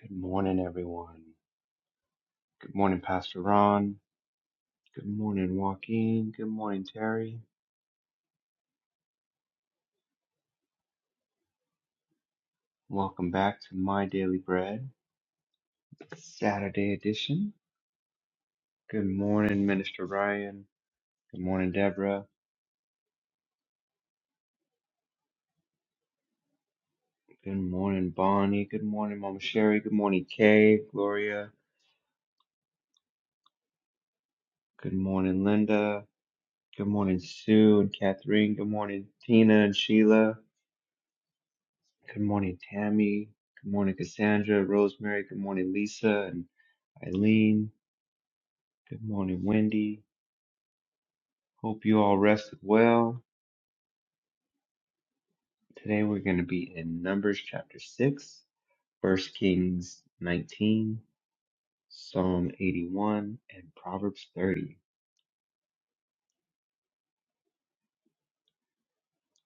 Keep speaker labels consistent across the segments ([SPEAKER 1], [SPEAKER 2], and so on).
[SPEAKER 1] Good morning, everyone. Good morning, Pastor Ron. Good morning, Joaquin. Good morning, Terry. Welcome back to My Daily Bread, Saturday edition. Good morning, Minister Ryan. Good morning, Deborah. Good morning, Bonnie. Good morning, Mama Sherry. Good morning, Kay, Gloria. Good morning, Linda. Good morning, Sue and Catherine. Good morning, Tina and Sheila. Good morning, Tammy. Good morning, Cassandra, Rosemary. Good morning, Lisa and Eileen. Good morning, Wendy. Hope you all rested well. Today we're going to be in Numbers chapter 6, First Kings 19, Psalm 81, and Proverbs 30.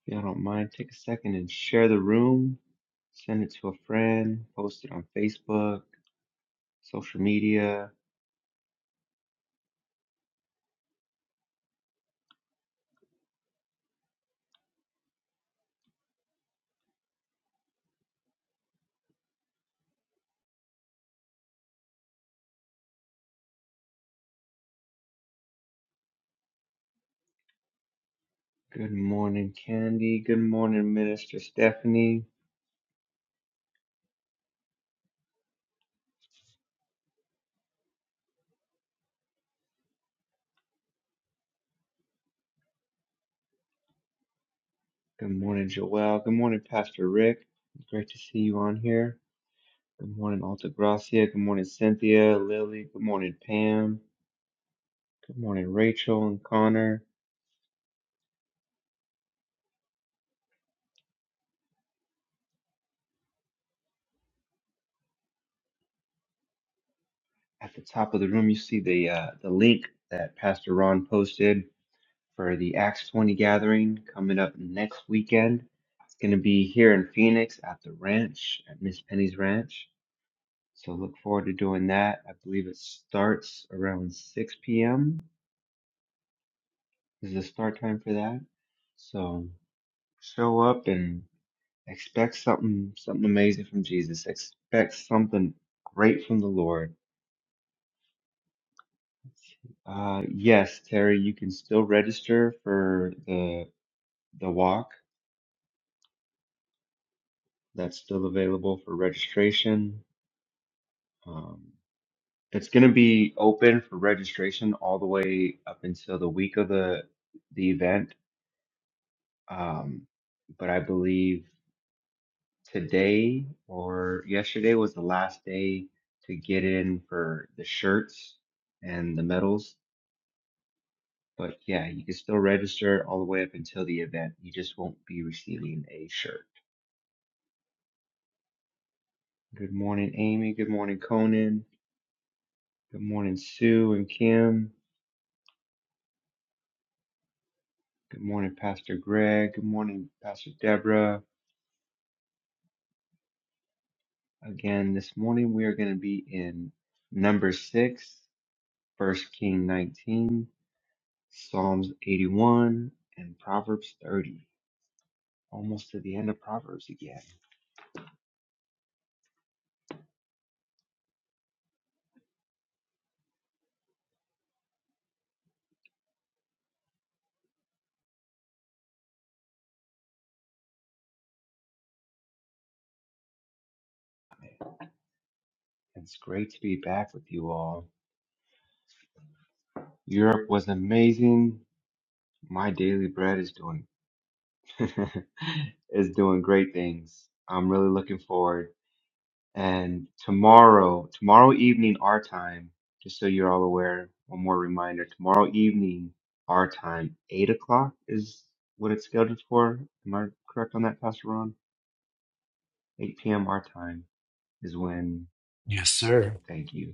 [SPEAKER 1] If y'all don't mind, take a second and share the room. Send it to a friend, post it on Facebook, social media. Good morning, Candy. Good morning, Minister Stephanie. Good morning, Joelle. Good morning, Pastor Rick. Great to see you on here. Good morning, Altagracia. Good morning, Cynthia, Lily. Good morning, Pam. Good morning, Rachel and Connor. At the top of the room, you see the uh, the link that Pastor Ron posted for the Acts 20 gathering coming up next weekend. It's going to be here in Phoenix at the ranch, at Miss Penny's Ranch. So look forward to doing that. I believe it starts around 6 p.m. is the start time for that. So show up and Expect something something amazing from Jesus. Expect something great from the Lord. Uh, yes, Terry, you can still register for the the walk. That's still available for registration. Um, it's going to be open for registration all the way up until the week of the the event. Um, but I believe today or yesterday was the last day to get in for the shirts and the medals. But yeah, you can still register all the way up until the event. You just won't be receiving a shirt. Good morning, Amy. Good morning, Conan. Good morning, Sue and Kim. Good morning, Pastor Greg. Good morning, Pastor Deborah. Again, this morning we are going to be in number six, First King 19, Psalms 81, and Proverbs 30. Almost to the end of Proverbs again. It's great to be back with you all. Europe was amazing. My daily bread is doing is doing great things. I'm really looking forward. And tomorrow, tomorrow evening our time, just so you're all aware, one more reminder, tomorrow evening our time, eight o'clock is what it's scheduled for. Am I correct on that, Pastor Ron? Eight PM our time is when,
[SPEAKER 2] Yes, sir.
[SPEAKER 1] thank you.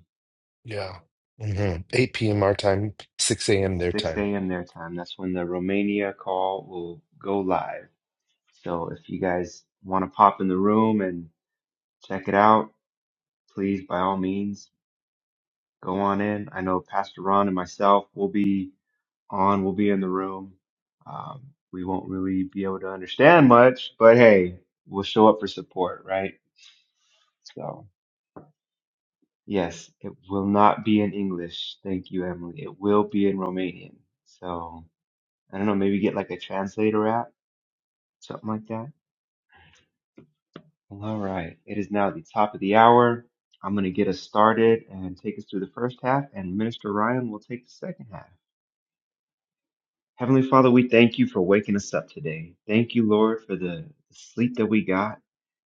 [SPEAKER 2] Yeah. hmm 8 p.m. our time, 6 a.m. their
[SPEAKER 1] 6
[SPEAKER 2] time.
[SPEAKER 1] a.m. their time. That's when the Romania call will go live. So if you guys want to pop in the room and check it out, please, by all means, go on in. I know Pastor Ron and myself will be on, we'll be in the room. Um, we won't really be able to understand much, but hey, we'll show up for support, right? So, yes, it will not be in English. Thank you, Emily. It will be in Romanian. So, I don't know, maybe get like a translator app, something like that. Well, All right. It is now the top of the hour. I'm going to get us started and take us through the first half, and Minister Ryan will take the second half. Heavenly Father, we thank you for waking us up today. Thank you, Lord, for the sleep that we got.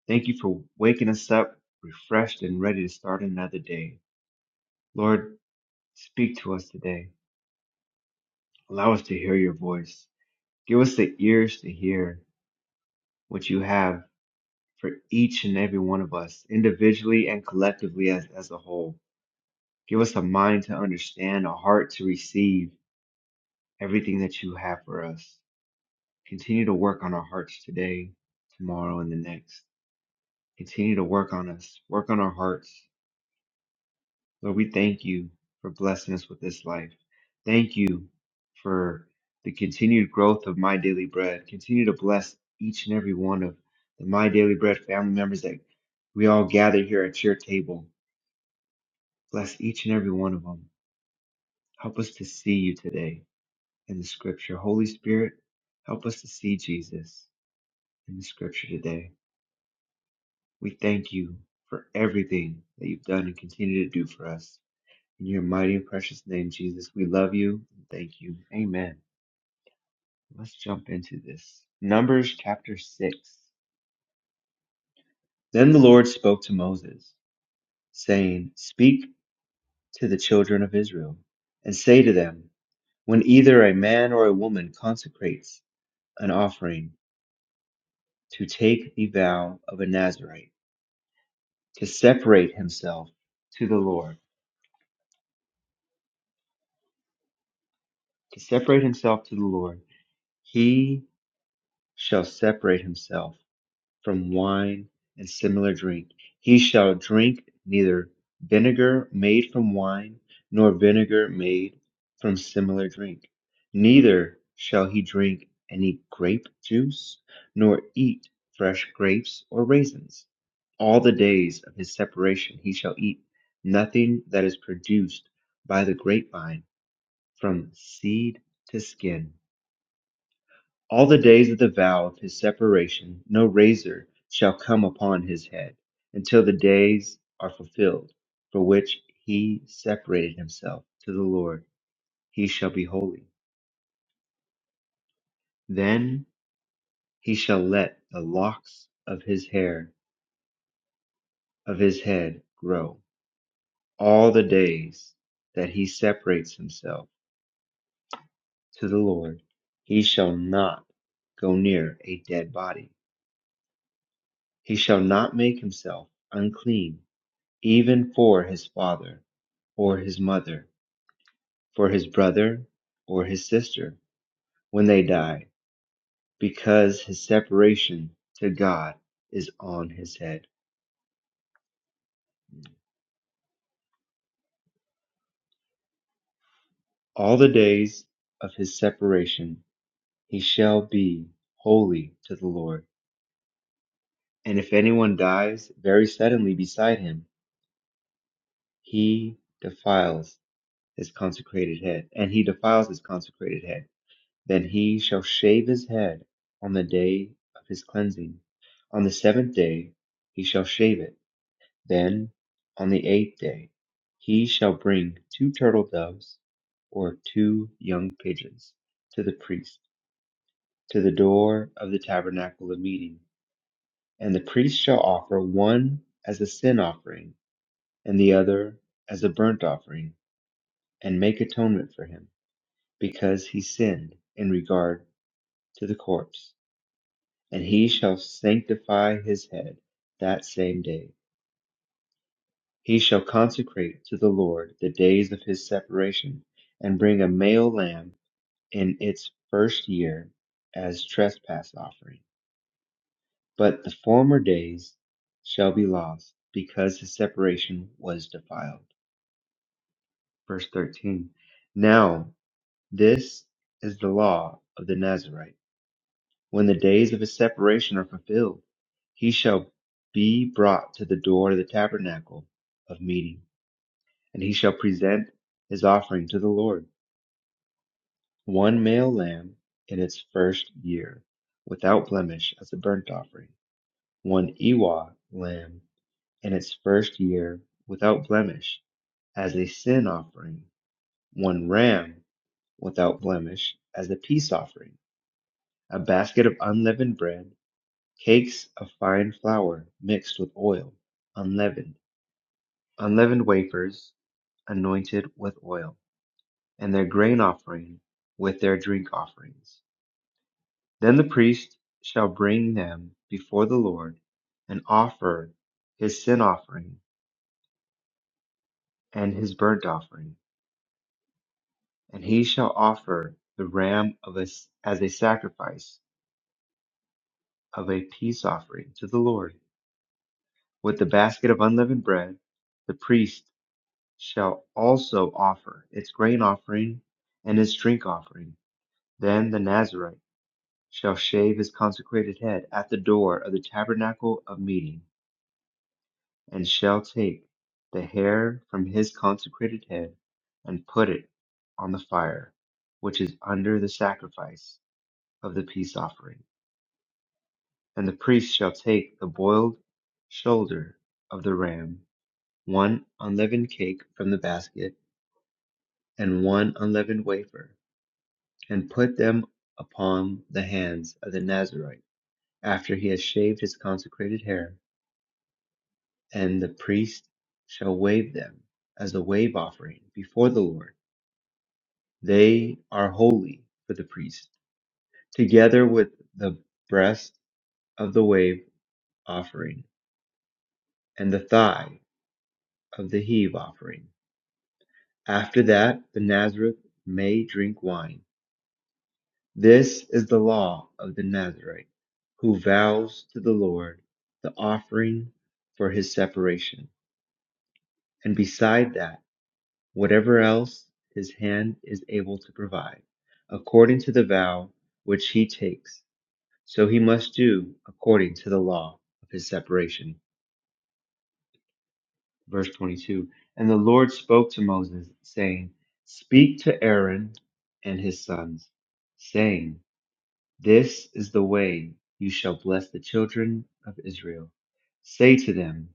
[SPEAKER 1] Thank you for waking us up refreshed and ready to start another day. Lord, speak to us today. Allow us to hear your voice. Give us the ears to hear what you have for each and every one of us, individually and collectively as, as a whole. Give us a mind to understand, a heart to receive everything that you have for us. Continue to work on our hearts today, tomorrow, and the next. Continue to work on us, work on our hearts. Lord, we thank you for blessing us with this life. Thank you for the continued growth of My Daily Bread. Continue to bless each and every one of the My Daily Bread family members that we all gather here at your table. Bless each and every one of them. Help us to see you today. in the scripture. Holy Spirit, help us to see Jesus in the scripture today. We thank you for everything that you've done and continue to do for us. In your mighty and precious name, Jesus, we love you and thank you. Amen. Let's jump into this. Numbers chapter 6. Then the Lord spoke to Moses, saying, Speak to the children of Israel and say to them, When either a man or a woman consecrates an offering to take the vow of a Nazarite, to separate himself to the Lord, to separate himself to the Lord, he shall separate himself from wine and similar drink. He shall drink neither vinegar made from wine, nor vinegar made from similar drink. Neither shall he drink any grape juice, nor eat fresh grapes or raisins. All the days of his separation he shall eat nothing that is produced by the grapevine From seed to skin, all the days of the vow of his separation, no razor shall come upon his head, until the days are fulfilled, for which he separated himself to the Lord. He shall be holy. Then he shall let the locks of his hair of his head grow. All the days that he separates himself to the Lord, he shall not go near a dead body He shall not make himself unclean, even for his father or his mother, for his brother or his sister, when they die, because his separation to God is on his head. All the days of his separation he shall be holy to the Lord. And if anyone dies very suddenly beside him, he defiles his consecrated head, and he defiles his consecrated head Then he shall shave his head on the day of his cleansing. On the seventh day he shall shave it. Then on the eighth day he shall bring two turtle doves or two young pigeons to the priest, to the door of the tabernacle of meeting. And the priest shall offer one as a sin offering and the other as a burnt offering, and make atonement for him, because he sinned in regard to the corpse. and he shall sanctify his head that same day. He shall consecrate to the Lord the days of his separation, and bring a male lamb in its first year as trespass offering. But the former days shall be lost, because his separation was defiled. Verse 13. Now this is the law of the Nazarite When the days of his separation are fulfilled, he shall be brought to the door of the tabernacle of meeting, and he shall present his offering to the Lord, one male lamb in its first year, without blemish, as a burnt offering, one ewe lamb in its first year, without blemish, as a sin offering, one ram without blemish, as a peace offering, a basket of unleavened bread Cakes of fine flour mixed with oil, unleavened, unleavened wafers anointed with oil, and their grain offering with their drink offerings. Then the priest shall bring them before the Lord and offer his sin offering and his burnt offering, and he shall offer the ram of us as a sacrifice of a peace offering to the Lord. With the basket of unleavened bread, the priest shall also offer its grain offering and its drink offering. Then the Nazarite shall shave his consecrated head at the door of the tabernacle of meeting, and shall take the hair from his consecrated head and put it on the fire, which is under the sacrifice of the peace offering. And the priest shall take the boiled shoulder of the ram, one unleavened cake from the basket, and one unleavened wafer and put them upon the hands of the Nazarite after he has shaved his consecrated hair, and the priest shall wave them as a wave offering before the Lord. They are holy for the priest, together with the breast of the wave offering and the thigh of the heave offering. After that, the Nazareth may drink wine. This is the law of the Nazarite who vows to the Lord the offering for his separation, and beside that, whatever else his hand is able to provide, according to the vow which he takes. So he must do according to the law of his separation. Verse 22 And the Lord spoke to Moses, saying, Speak to Aaron and his sons, saying, This is the way you shall bless the children of Israel. Say to them,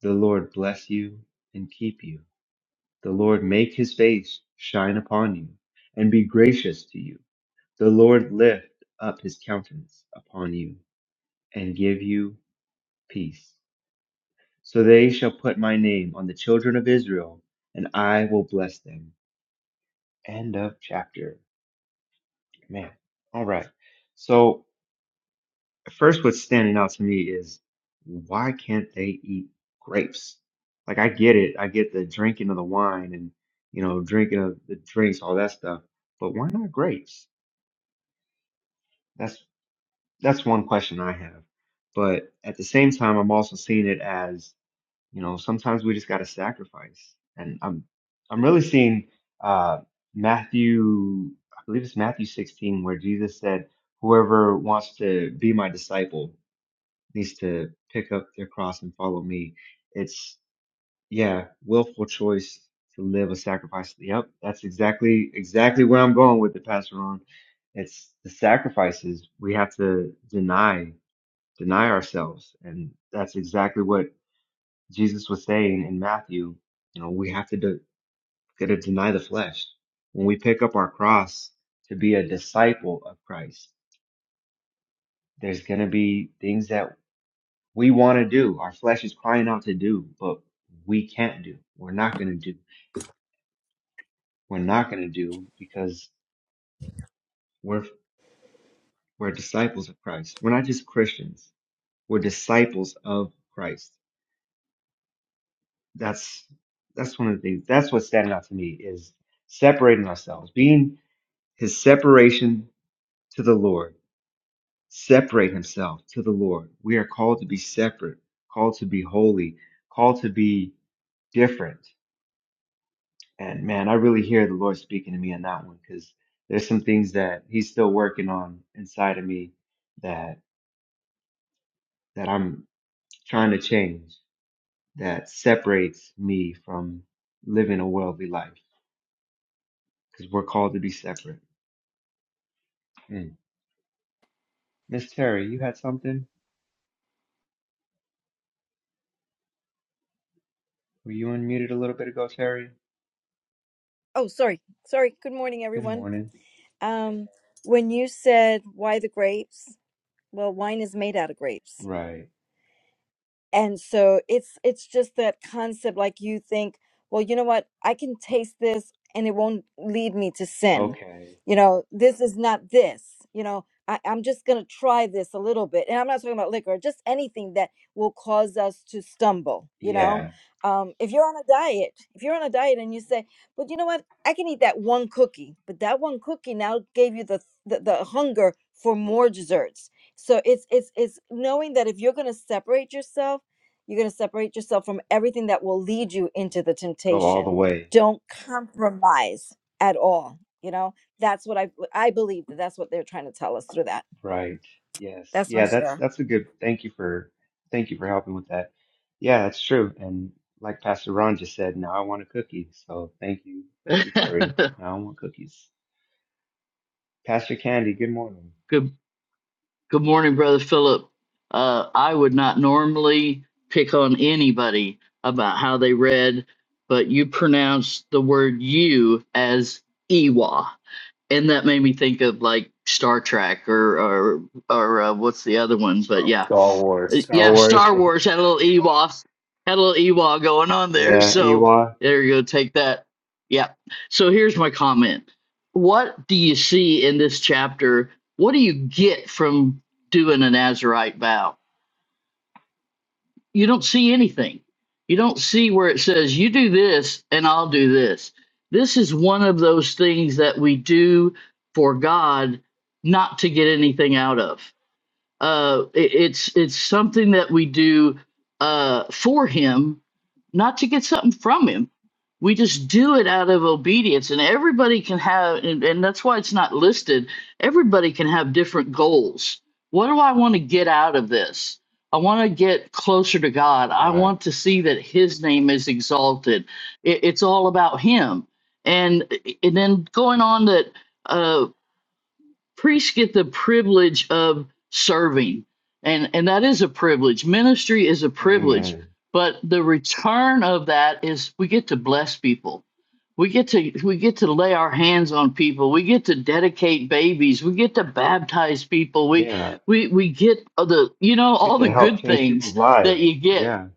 [SPEAKER 1] The Lord bless you and keep you. The Lord make his face shine upon you and be gracious to you. The Lord lift up his countenance upon you and give you peace. So they shall put my name on the children of Israel, and I will bless them. End of chapter. Man. All right. So first what's standing out to me is why can't they eat grapes? Like I get it, I get the drinking of the wine and you know drinking of the drinks, all that stuff, but why not grapes? That's that's one question I have. But at the same time, I'm also seeing it as you know sometimes we just got to sacrifice, and I'm I'm really seeing uh, Matthew, I believe it's Matthew 16, where Jesus said, "Whoever wants to be my disciple." needs to pick up their cross and follow me. It's yeah, willful choice to live a sacrifice. Yep, that's exactly exactly where I'm going with the Pastor Ron. It's the sacrifices we have to deny, deny ourselves, and that's exactly what Jesus was saying in Matthew. You know, we have to de- gotta deny the flesh when we pick up our cross to be a disciple of Christ. There's gonna be things that we want to do. Our flesh is crying out to do, but we can't do. We're not going to do. We're not going to do because we're we're disciples of Christ. We're not just Christians. We're disciples of Christ. That's that's one of the things. That's what's standing out to me is separating ourselves, being His separation to the Lord. Separate Himself to the Lord. We are called to be separate, called to be holy, called to be different And man, I really hear the Lord speaking to me on that one because there's some things that He's still working on inside of me that that I'm trying to change that separates me from living a worldly life because we're called to be separate. Mm. Miss Terry, you had something? Were you unmuted a little bit ago, Terry?
[SPEAKER 3] Oh, sorry. Sorry. Good morning,
[SPEAKER 1] Good
[SPEAKER 3] everyone.
[SPEAKER 1] morning.
[SPEAKER 3] Um, when you said why the grapes, well, wine is made out of grapes
[SPEAKER 1] Right.
[SPEAKER 3] and so it's it's just that concept like you think well you know what i can taste this and it won't lead me to sin
[SPEAKER 1] Okay.
[SPEAKER 3] you know this is not this you know I, i'm just gonna try this a little bit and i'm not talking about liquor just anything that will cause us to stumble you know
[SPEAKER 1] Yeah.
[SPEAKER 3] um, if you're on a diet if you're on a diet and you say but you know what i can eat that one cookie but that one cookie now gave you the the, the hunger for more desserts so it's it's it's knowing that if you're going to separate yourself you're going to separate yourself from everything that will lead you into the
[SPEAKER 1] Go all the
[SPEAKER 3] temptation.
[SPEAKER 1] way.
[SPEAKER 3] Don't compromise at all. You know, that's what I I believe that that's what they're trying to tell us through that.
[SPEAKER 1] Right. Yes.
[SPEAKER 3] That's my
[SPEAKER 1] Yeah, that's
[SPEAKER 3] share.
[SPEAKER 1] that's a good thank you for thank you for helping with that. Yeah, that's true. And like Pastor Ron just said, now I want a cookie. So thank you. Thank you, Terry. Now I want cookies. Pastor Candy, good morning.
[SPEAKER 4] good good morning, brother Philip. Uh, I would not normally pick on anybody about how they read, but you pronounced the word "you" as "ewa," and that made me think of like Star Trek or or or uh, what's the other one? But yeah,
[SPEAKER 5] Star
[SPEAKER 1] The
[SPEAKER 5] Wars.
[SPEAKER 1] Star
[SPEAKER 4] yeah,
[SPEAKER 1] Wars.
[SPEAKER 4] Star Wars had a little Ewok, had a little Ewok going on there.
[SPEAKER 1] Yeah,
[SPEAKER 4] So
[SPEAKER 1] Ewa.
[SPEAKER 4] there you go. Take that. Yeah. So here's my comment. What do you see in this chapter? What do you get from doing a Nazarite vow? You don't see anything. You don't see where it says, you do this and I'll do this. This is one of those things that we do for God not to get anything out of uh, it- it's it's something that we do uh, for him, not to get something from him. We just do it out of obedience, and everybody can have, and, and that's why it's not listed. Everybody can have different goals. What do I want to get out of this? I want to get closer to God. I
[SPEAKER 1] Right.
[SPEAKER 4] want to see that His name is exalted. It, it's all about Him, and and then going on that Uh, priests get the privilege of serving and and that is a privilege ministry is a privilege
[SPEAKER 1] Amen.
[SPEAKER 4] but the return of that is we get to bless people we get to we get to lay our hands on people we get to dedicate babies we get to baptize people we
[SPEAKER 1] Yeah.
[SPEAKER 4] we we get the you know
[SPEAKER 1] Get
[SPEAKER 4] all the
[SPEAKER 1] to help
[SPEAKER 4] good
[SPEAKER 1] change
[SPEAKER 4] things
[SPEAKER 1] people's
[SPEAKER 4] that
[SPEAKER 1] lives.
[SPEAKER 4] you get
[SPEAKER 1] Yeah.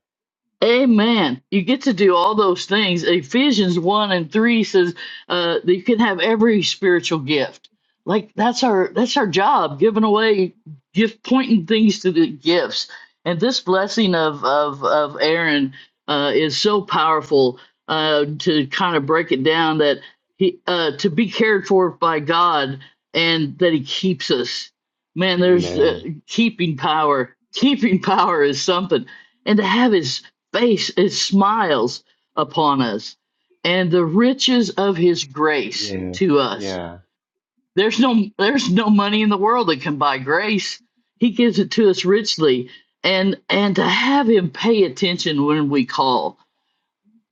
[SPEAKER 4] Amen. You get to do all those things. Ephesians 1 and 3 says uh, that you can have every spiritual gift. Like that's our that's our job, giving away gift pointing things to the gifts. And this blessing of of of Aaron uh, is so powerful uh, to kind of break it down that he uh, to be cared for by God and that he keeps us. Man, there's uh,
[SPEAKER 1] Amen.
[SPEAKER 4] keeping power. Keeping power is something. And to have his face it smiles upon us and the riches of his grace
[SPEAKER 1] Yes.
[SPEAKER 4] to us
[SPEAKER 1] Yeah.
[SPEAKER 4] there's no there's no money in the world that can buy grace he gives it to us richly and and to have him pay attention when we call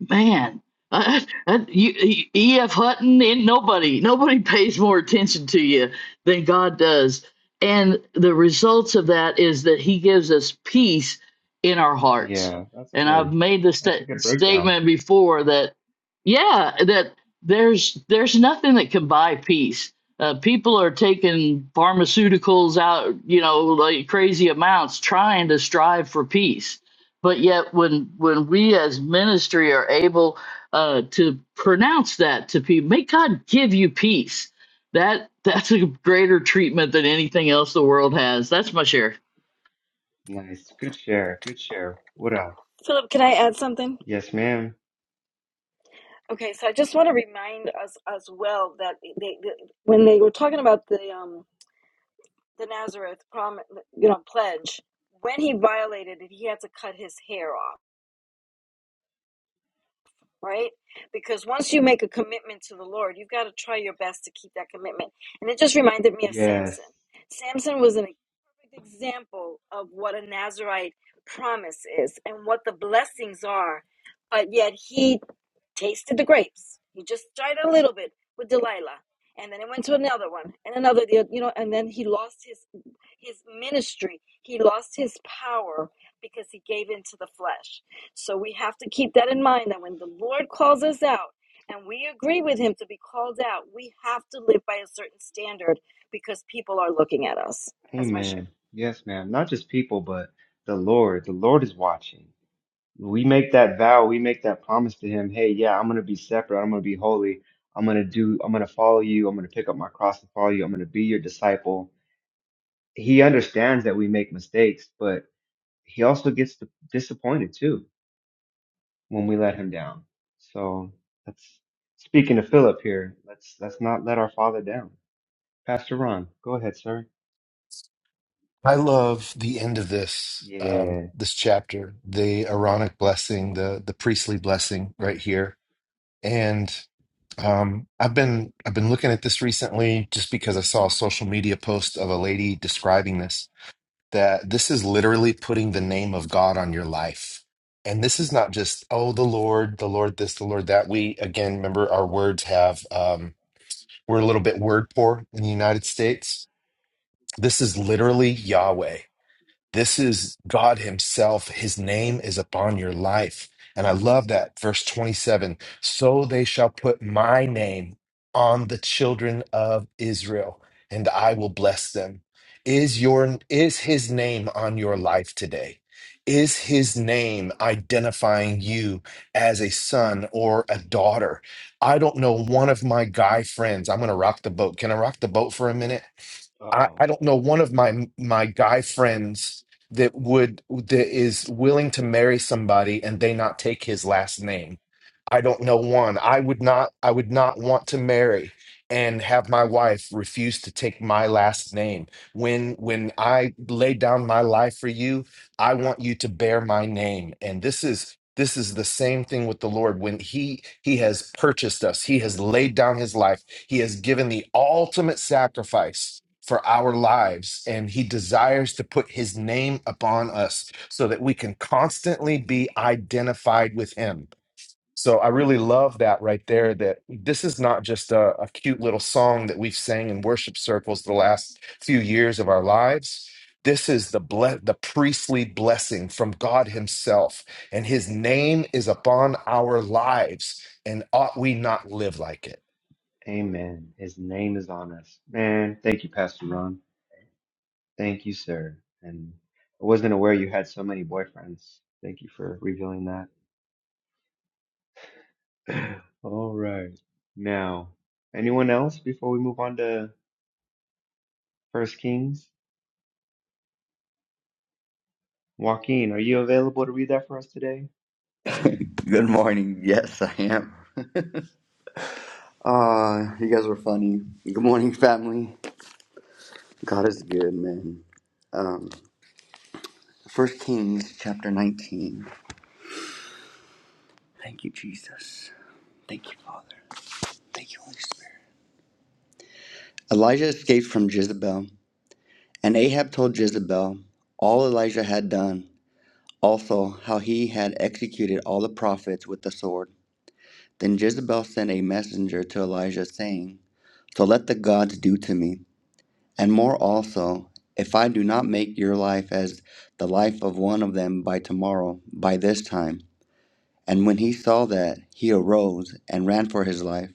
[SPEAKER 4] Man, uh, uh, you, you- E.F. Hutton and nobody, nobody pays more attention to you than God does. And the results of that is that He gives us peace in our hearts.
[SPEAKER 1] Yeah. That's
[SPEAKER 4] And I've
[SPEAKER 1] good.
[SPEAKER 4] made the
[SPEAKER 1] That's a
[SPEAKER 4] sta-
[SPEAKER 1] good breakdown.
[SPEAKER 4] statement before that, yeah, that there's there's nothing that can buy peace. Uh, people are taking pharmaceuticals out, you know, like crazy amounts, trying to strive for peace but yet when when we as ministry are able uh to pronounce that to people may god give you peace that that's a greater treatment than anything else the world has that's my share
[SPEAKER 1] Nice. Good share. Good share. What else?
[SPEAKER 3] Philip, can I add something?
[SPEAKER 1] Yes, ma'am.
[SPEAKER 3] Okay, so I just want to remind us as well that they, they, when they were talking about the um, the Nazareth prom, you know, pledge, when he violated it, he had to cut his hair off. right? Because once you make a commitment to the Lord, you've got to try your best to keep that commitment. And it just reminded me of
[SPEAKER 1] Yes.
[SPEAKER 3] Samson. Samson was an perfect example of what a Nazarite promise is and what the blessings are, but yet he tasted the grapes. He just tried a little bit with Delilah. And then it went to another one and another, you know, and then he lost his his ministry. He lost his power because he gave in to the flesh. So we have to keep that in mind that when the Lord calls us out and we agree with Him to be called out, we have to live by a certain standard because people are looking at us. That's my share.
[SPEAKER 1] Amen. Yes, ma'am. Not just people, but the Lord. The Lord is watching. We make that vow, we make that promise to him, hey, yeah, I'm gonna be separate, I'm gonna be holy, I'm gonna do, I'm gonna follow you, I'm gonna pick up my cross and follow you, I'm gonna be your disciple. He understands that we make mistakes, but he also gets disappointed too when we let him down. So that's speaking to Philip here, let's let's not let our father down. Pastor Ron, go ahead, sir.
[SPEAKER 2] I love the end of this um,
[SPEAKER 1] Yeah.
[SPEAKER 2] this chapter, the Aaronic blessing, the the priestly blessing right here. And um, I've been I've been looking at this recently just because I saw a social media post of a lady describing this, that this is literally putting the name of God on your life. And this is not just, oh, the Lord, the Lord this, the Lord that. We again remember our words have um We're a little bit word poor in the United States. This is literally Yahweh. This is God Himself. His name is upon your life. And I love that. Verse 27 So they shall put my name on the children of Israel, and I will bless them. Is your is his name on your life today? Is his name identifying you as a son or a daughter? I don't know one of my guy friends. I'm going to rock the boat. Can I rock the boat for a minute? I,
[SPEAKER 1] Uh-oh.
[SPEAKER 2] I don't know one of my my guy friends that would that is willing to marry somebody and they not take his last name. I don't know one. I would not I would not want to marry and have my wife refuse to take my last name. When when I lay down my life for you, I want you to bear my name. And this is this is the same thing with the Lord when he he has purchased us. He has laid down his life. He has given the ultimate sacrifice for our lives and he desires to put his name upon us so that we can constantly be identified with him so I really love that right there. That this is not just a, a cute little song that we've sang in worship circles the last few years of our lives. This is the ble- the priestly blessing from God Himself, and His name is upon our lives. And ought we not live like it?
[SPEAKER 1] Amen. His name is on us. Man, thank you, Pastor Ron. Thank you, sir. And I wasn't aware you had so many boyfriends. Thank you for revealing that. All right. Now, anyone else before we move on to First Kings? Joaquin, are you available to read that for us today?
[SPEAKER 6] Good morning. Yes, I am. Uh, you guys were funny. Good morning, family. God is good, man. Um, First Kings chapter 19. Thank you, Jesus. Thank you, Father. Thank you, Holy Spirit. Elijah escaped from Jezebel, and Ahab told Jezebel all Elijah had done, also how he had executed all the prophets with the sword. Then Jezebel sent a messenger to Elijah, saying, So let the gods do to me. And more also, if I do not make your life as the life of one of them by tomorrow, by this time. And when he saw that, he arose and ran for his life,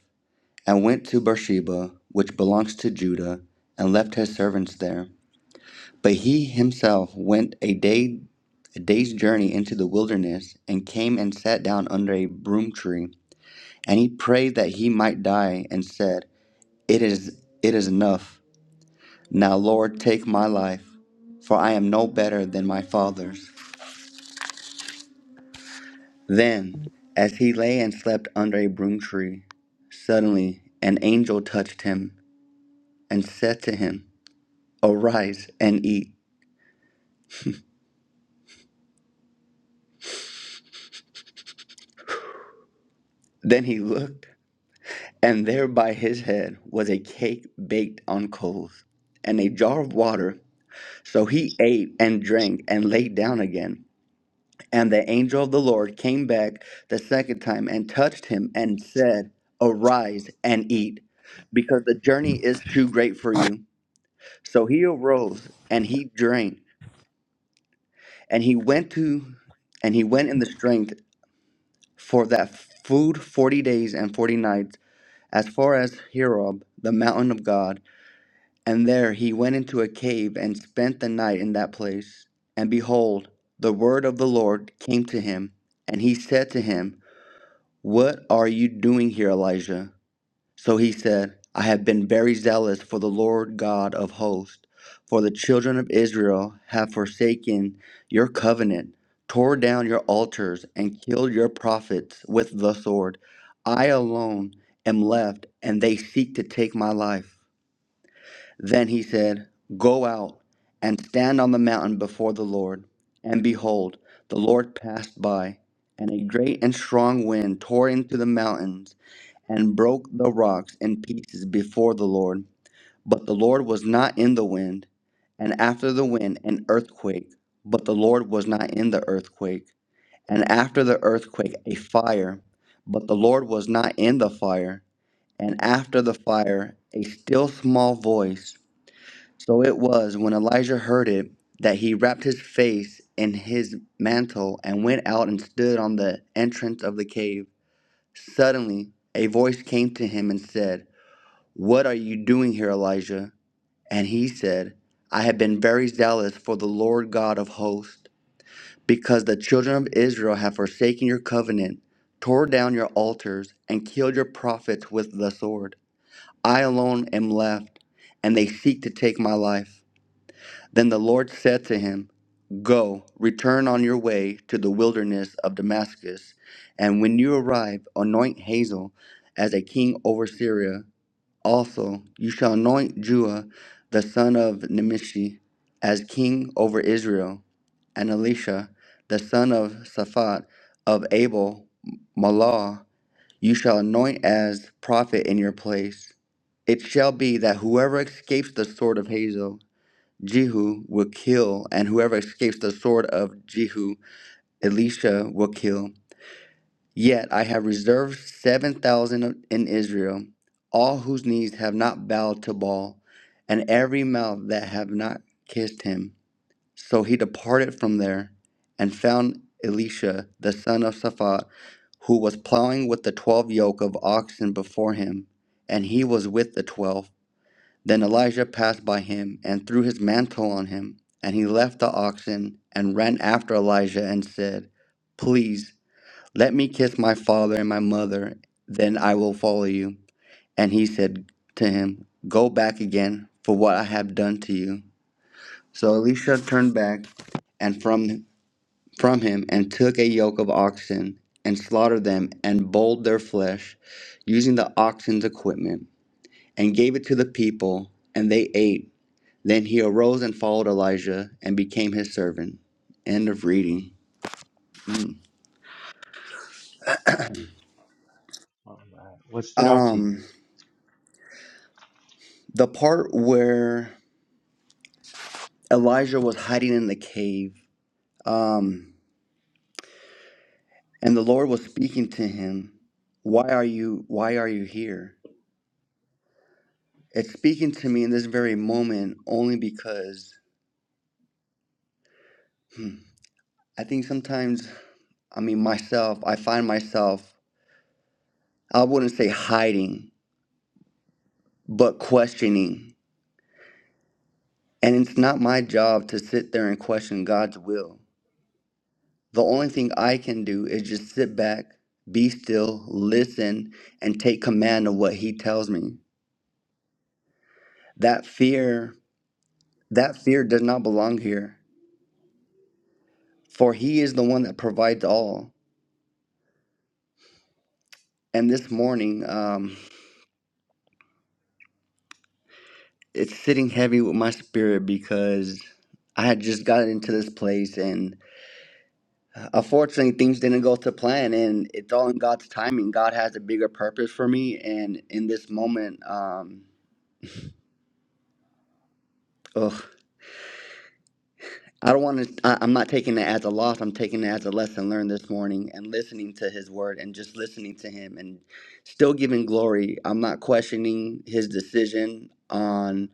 [SPEAKER 6] and went to Beersheba, which belongs to Judah, and left his servants there. But he himself went a day a day's journey into the wilderness, and came and sat down under a broom tree, and he prayed that he might die, and said, It is it is enough. Now, Lord, take my life, for I am no better than my father's. Then, as he lay and slept under a broom tree, suddenly an angel touched him and said to him, Arise and eat. Then he looked, and there by his head was a cake baked on coals and a jar of water. So he ate and drank and lay down again. And the angel of the Lord came back the second time and touched him and said, Arise and eat, because the journey is too great for you. So he arose and he drank, and he went to and he went in the strength for that food forty days and forty nights, as far as Herob, the mountain of God, and there he went into a cave and spent the night in that place. And behold, the word of the Lord came to him, and he said to him, What are you doing here, Elijah? So he said, I have been very zealous for the Lord God of hosts, for the children of Israel have forsaken your covenant, tore down your altars, and killed your prophets with the sword. I alone am left, and they seek to take my life. Then he said, Go out and stand on the mountain before the Lord. And behold, the Lord passed by, and a great and strong wind tore into the mountains and broke the rocks in pieces before the Lord. But the Lord was not in the wind, and after the wind, an earthquake. But the Lord was not in the earthquake, and after the earthquake, a fire. But the Lord was not in the fire, and after the fire, a still small voice. So it was when Elijah heard it that he wrapped his face in his mantle and went out and stood on the entrance of the cave. Suddenly, a voice came to him and said, what are you doing here, Elijah? And he said, I have been very zealous for the Lord God of hosts, because the children of Israel have forsaken your covenant, tore down your altars, and killed your prophets with the sword. I alone am left, and they seek to take my life. Then the Lord said to him, Go, return on your way to the wilderness of Damascus, and when you arrive, anoint Hazael as a king over Syria also, you shall anoint Jua, the son of Nimshi, as king over Israel, and Elisha, the son of Saphat of Abel Malah, you shall anoint as prophet in your place. It shall be that whoever escapes the sword of Hazel, Jehu will kill, and whoever escapes the sword of Jehu, Elisha will kill. Yet I have reserved 7,000 in Israel, all whose knees have not bowed to Baal, and every mouth that have not kissed him. So he departed from there and found Elisha, the son of Shaphat, who was plowing with the twelve yoke of oxen before him, and he was with the twelve. Then Elijah passed by him and threw his mantle on him, and he left the oxen and ran after Elijah and said, Please let me kiss my father and my mother, then I will follow you. And he said to him, Go back again for what I have done to you. So Elisha turned back and from from him and took a yoke of oxen and slaughtered them and boiled their flesh using the oxen's equipment and gave it to the people and they ate. Then he arose and followed Elijah and became his servant. End of reading.
[SPEAKER 1] All right. What stood out to you?
[SPEAKER 6] Um the part where Elijah was hiding in the cave, um, and the Lord was speaking to him. Why are you? Why are you here? It's speaking to me in this very moment only because hmm, I think sometimes, I mean, myself, I find myself, I wouldn't say hiding, but questioning. And it's not my job to sit there and question God's will. The only thing I can do is just sit back, be still, listen, and take command of what He tells me that fear That fear does not belong here, for He is the one that provides all. And this morning, um, it's sitting heavy with my spirit because I had just gotten into this place, and uh, unfortunately, things didn't go to plan. And it's all in God's timing. God has a bigger purpose for me, and in this moment, um, ugh, I don't want to. I'm not taking it as a loss. I'm taking it as a lesson learned this morning, and listening to His word, and just listening to Him, and still giving glory. I'm not questioning His decision on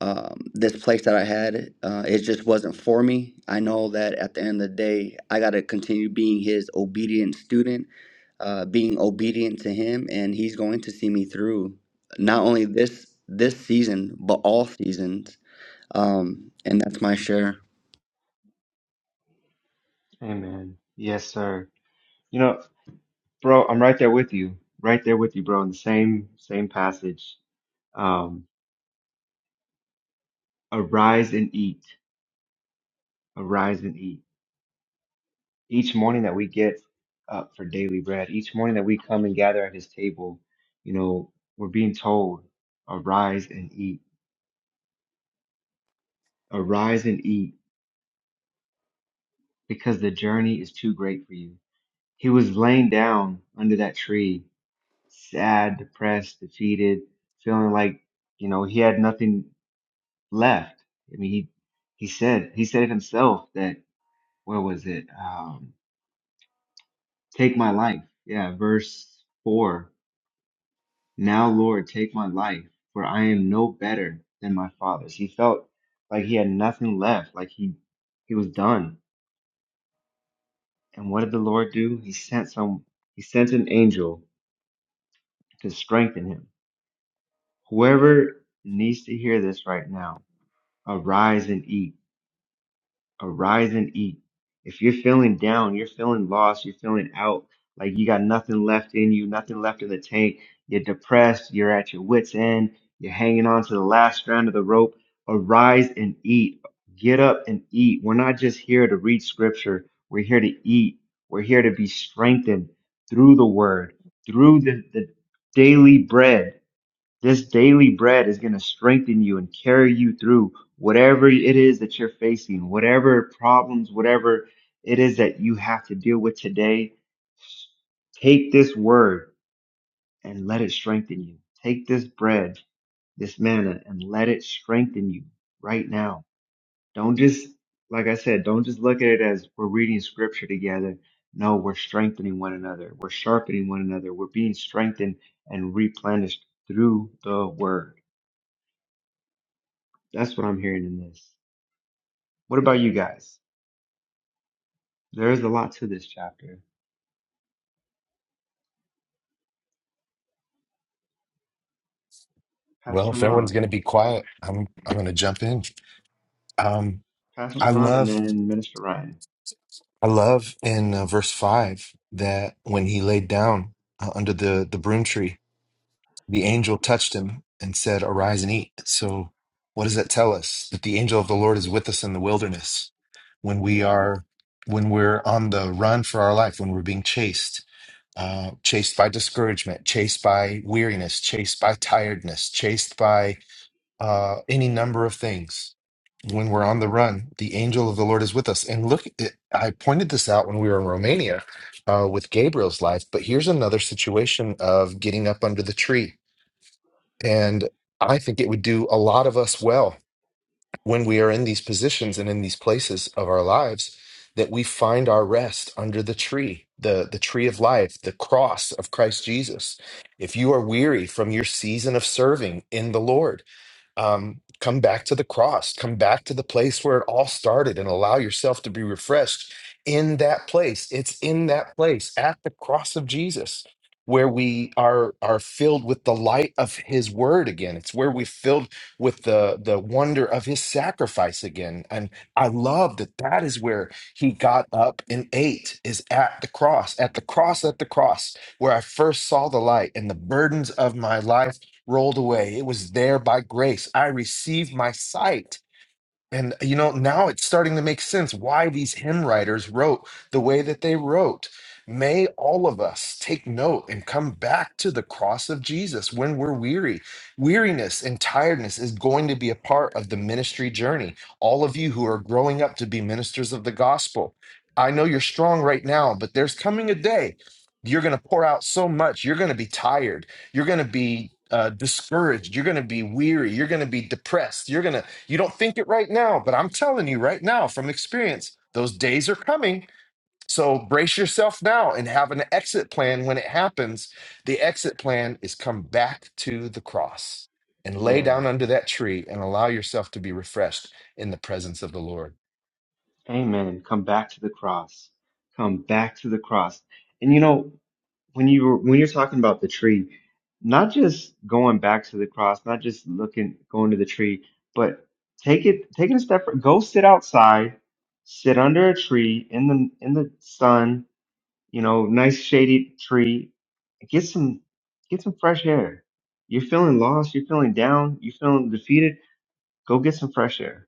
[SPEAKER 6] um, this place that I had. Uh, it just wasn't for me. I know that at the end of the day, I got to continue being His obedient student, uh, being obedient to Him, and He's going to see me through not only this this season but all seasons. Um, and that's my share.
[SPEAKER 1] Amen. Yes, sir. You know, bro, I'm right there with you. Right there with you, bro, in the same same passage. Um, arise and eat. Arise and eat. each morning that we get up for daily bread, each morning that we come and gather at his table, you know, we're being told, arise and eat, arise and eat, because the journey is too great for you. He was laying down under that tree, sad, depressed, defeated, feeling like, you know, he had nothing left. I mean, he, he said, he said it himself that, where was it? Um, take my life. Yeah, verse four Now, Lord, take my life, for I am no better than my fathers. He felt like he had nothing left, like he he was done. And what did the Lord do? He sent some he sent an angel to strengthen him. Whoever needs to hear this right now, arise and eat. arise and eat. If you're feeling down, you're feeling lost, you're feeling out, like you got nothing left in you, nothing left in the tank, you're depressed, you're at your wits' end, you're hanging on to the last strand of the rope, arise and eat. Get up and eat. We're not just here to read scripture, we're here to eat. We're here to be strengthened through the word, through the, the daily bread this daily bread is going to strengthen you and carry you through whatever it is that you're facing, whatever problems, whatever it is that you have to deal with today. Take this word and let it strengthen you. Take this bread, this manna, and let it strengthen you right now. Don't just, like I said, don't just look at it as we're reading scripture together. No, we're strengthening one another. We're sharpening one another. We're being strengthened and replenished through the word. That's what I'm hearing in this. What about you guys? There is a lot to this chapter.
[SPEAKER 2] Well,
[SPEAKER 1] Pastor
[SPEAKER 2] if everyone's
[SPEAKER 1] Ron,
[SPEAKER 2] going to be quiet, I'm I'm going to jump in. Um,
[SPEAKER 1] Pastor
[SPEAKER 2] I
[SPEAKER 1] Ron, and
[SPEAKER 2] love
[SPEAKER 1] then Minister Ryan.
[SPEAKER 2] I love in uh, verse five that when He laid down uh, under the the broom tree the angel touched him and said, Arise and eat. So, what does that tell us? That the angel of the Lord is with us in the wilderness when we
[SPEAKER 1] Yeah,
[SPEAKER 2] are when we're on the run for our life, when we're being chased, uh, chased by discouragement, chased by weariness, chased by tiredness, chased by uh, any number of things. When we're on the run, the angel of the Lord is with us. And look, it- I pointed this out when we were in Romania uh, with Gabriel's life, but here's another situation of getting up under the tree and I think it would do a lot of us well when we are in these positions and in these places of our lives that we find our rest under the tree, the, the tree of life, the cross of Christ Jesus. If you are weary from your season of serving in the Lord, um, come back to the cross, come back to the place where it all started and allow yourself to be refreshed in that place. It's in that place at the cross of Jesus where we are are filled with the light of his word again it's where we're filled with the the wonder of his sacrifice again and i love that that is where he got up and ate is at the cross at the cross at the cross where i first saw the light and the burdens of my life rolled away. It was there by grace. I received my sight. And you know, now it's starting to make sense why these hymn writers wrote the way that they wrote. May all of us take note and come back to the cross of Jesus when we're weary. Weariness and tiredness is going to be a part of the ministry journey. All of you who are growing up to be ministers of the gospel, I know you're strong right now, but there's coming a day you're going to pour out so much, you're going to be tired, you're going to be uh, discouraged, you're going to be weary, you're going to be depressed, you're going to you don't think it right now, but I'm telling you right now from experience, those days are coming. So brace yourself now and have an exit plan when it happens. The exit plan is come back to the cross and lay
[SPEAKER 1] yeah.
[SPEAKER 2] down under that tree and allow yourself to be refreshed in the presence of the Lord.
[SPEAKER 1] Amen. Come back to the cross. Come back to the cross. And you know, when you were when you're talking about the tree, not just going back to the cross, not just looking going to the tree, but take it taking a step. Go sit outside, sit under a tree in the in the sun, you know, nice shady tree. Get some get some fresh air. You're feeling lost, you're feeling down, you're feeling defeated. Go get some fresh air.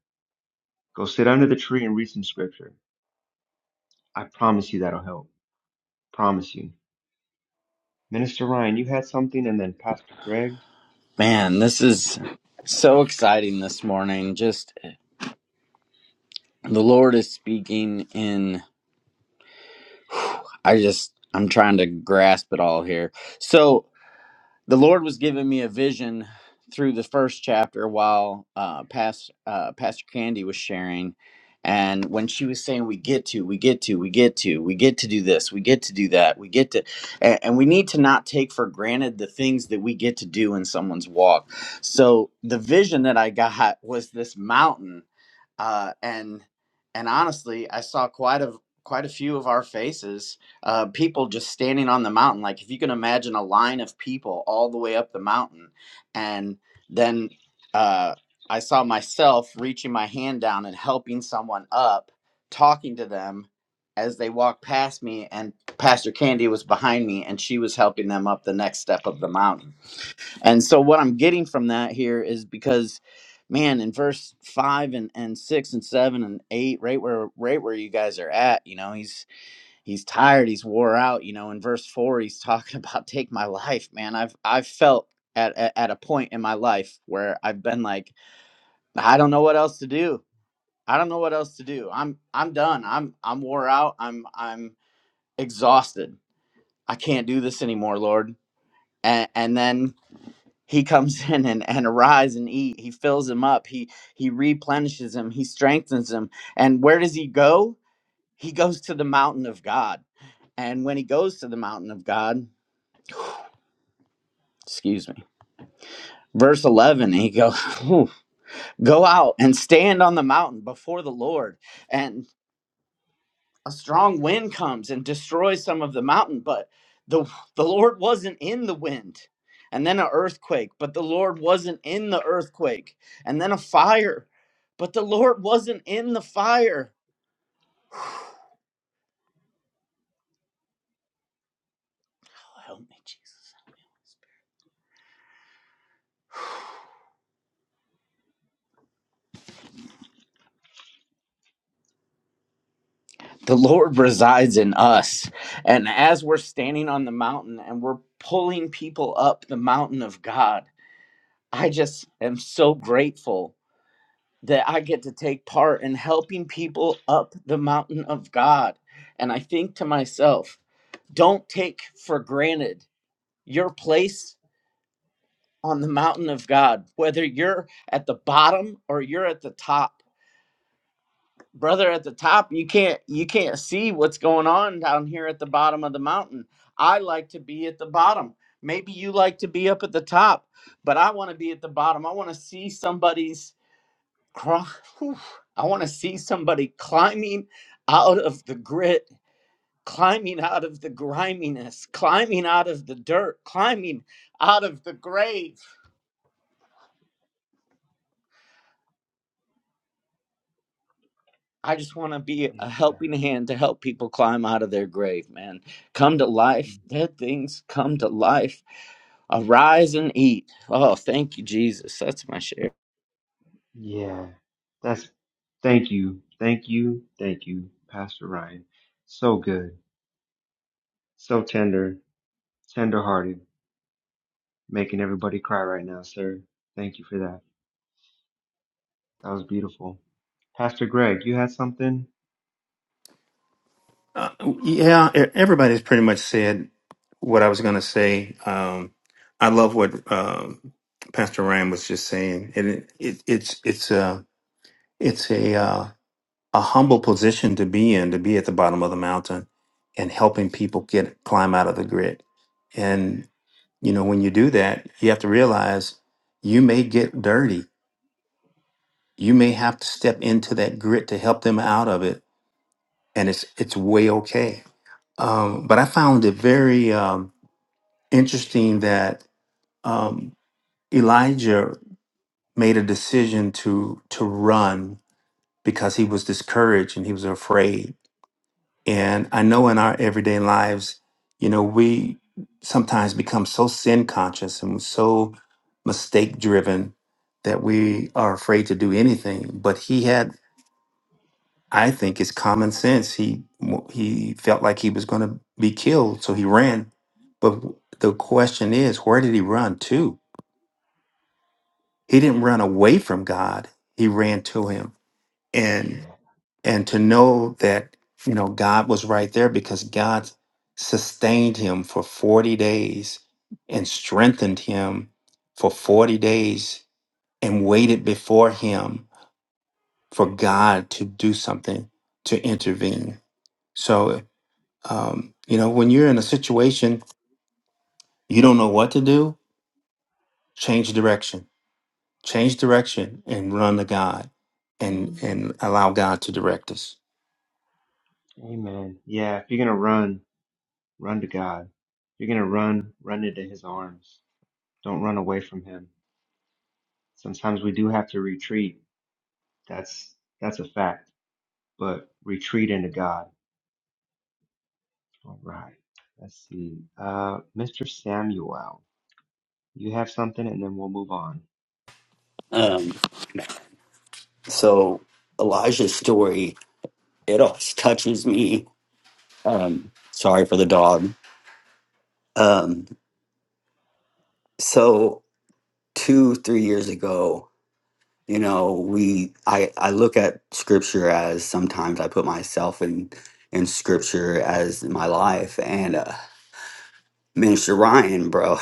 [SPEAKER 1] Go sit under the tree and read some scripture. I promise you that'll help. Promise you. Minister Ryan, you had something and then Pastor Greg?
[SPEAKER 7] Man, this is so exciting this morning. Just the Lord is speaking in I just I'm trying to grasp it all here. So the Lord was giving me a vision through the first chapter while uh, past, uh, Pastor Candy was sharing. And when she was saying, we get to, we get to, we get to, we get to do this, we get to do that, we get to, and, and we need to not take for granted the things that we get to do in someone's walk. So the vision that I got was this mountain uh, and and honestly, I saw quite a quite a few of our faces. Uh, people just standing on the mountain, like if you can imagine a line of people all the way up the mountain, and then uh, I saw myself reaching my hand down and helping someone up, talking to them as they walked past me, and Pastor Candy was behind me, and she was helping them up the next step of the mountain. And so what I'm getting from that here is because man in verse five and, and six and seven and eight right where right where you guys are at you know he's he's tired he's wore out you know in verse four he's talking about take my life man i've i've felt at, at at a point in my life where i've been like i don't know what else to do i don't know what else to do i'm i'm done i'm i'm wore out i'm i'm exhausted i can't do this anymore lord and and then he comes in and, and arise and eat he fills him up he he replenishes him he strengthens him and where does he go he goes to the mountain of god and when he goes to the mountain of god excuse me verse 11 he goes go out and stand on the mountain before the lord and. a strong wind comes and destroys some of the mountain but the the lord wasn't in the wind and then an earthquake but the lord wasn't in the earthquake and then a fire but the lord wasn't in the fire oh, help me jesus the Lord resides in us. And as we're standing on the mountain and we're pulling people up the mountain of God, I just am so grateful that I get to take part in helping people up the mountain of God. And I think to myself, don't take for granted your place on the mountain of God, whether you're at the bottom or you're at the top. Brother at the top, you can't you can't see what's going on down here at the bottom of the mountain. I like to be at the bottom. Maybe you like to be up at the top, but I want to be at the bottom. I want to see somebody's cry. whew, I want to see somebody climbing out of the grit, climbing out of the griminess, climbing out of the dirt, climbing out of the grave. I just want to be a
[SPEAKER 1] Yes,
[SPEAKER 7] helping hand to help people climb out of their grave, man. Come to
[SPEAKER 1] sir.
[SPEAKER 7] life. Dead things come to life. Arise and eat. Oh, thank you, Jesus. That's my share.
[SPEAKER 1] Yeah. That's thank you. Thank you. Thank you, Pastor Ryan. So good. So tender, tender hearted, making everybody cry right now, sir. Thank you for that. That was beautiful. Pastor Greg, you had something?
[SPEAKER 8] Uh, yeah, e- everybody's pretty much said what I was going to say. Um, I love what um, Pastor Ryan was just saying, and it, it, it's it's a it's a uh, a humble position to be in, to be at the bottom of the mountain and helping people get climb out of the grit. And you know, when you do that, you have to realize you may get dirty. You may have to step into that grit to help them out of it, and it's it's way okay Um, but I found it very um, interesting that um, Elijah made a decision to to run because he was discouraged and he was afraid. And I know in our everyday lives, you know, we sometimes become so sin conscious and so mistake driven that we are afraid to do anything. But he had I think it's common sense. He he felt like he was going to be killed, so he ran. But the question is, where did he run to? He didn't run away from God. He ran to him. And
[SPEAKER 1] Yeah.
[SPEAKER 8] and to know that, you know, God was right there because God sustained him for 40 days and strengthened him for 40 days and waited before him for God to do something to intervene. So Um, you know, when you're in a situation you don't know what to do, change direction. Change direction and run to God and Mm. and allow God to direct us.
[SPEAKER 1] Amen. Yeah, if you're going to run, run to God. If you're going to run, run into his arms. Don't run away from him. Sometimes we do have to retreat. That's that's a fact. But retreat into God. All right. Let's see. Uh Mr. Samuel, you have something and then we'll move on.
[SPEAKER 5] Um, so Elijah's story, it always touches me. Um, sorry for the dog. Um, so two, three years ago, you know, we I, I look at scripture as sometimes I put myself in in scripture as my life and uh Minister Ryan, bro,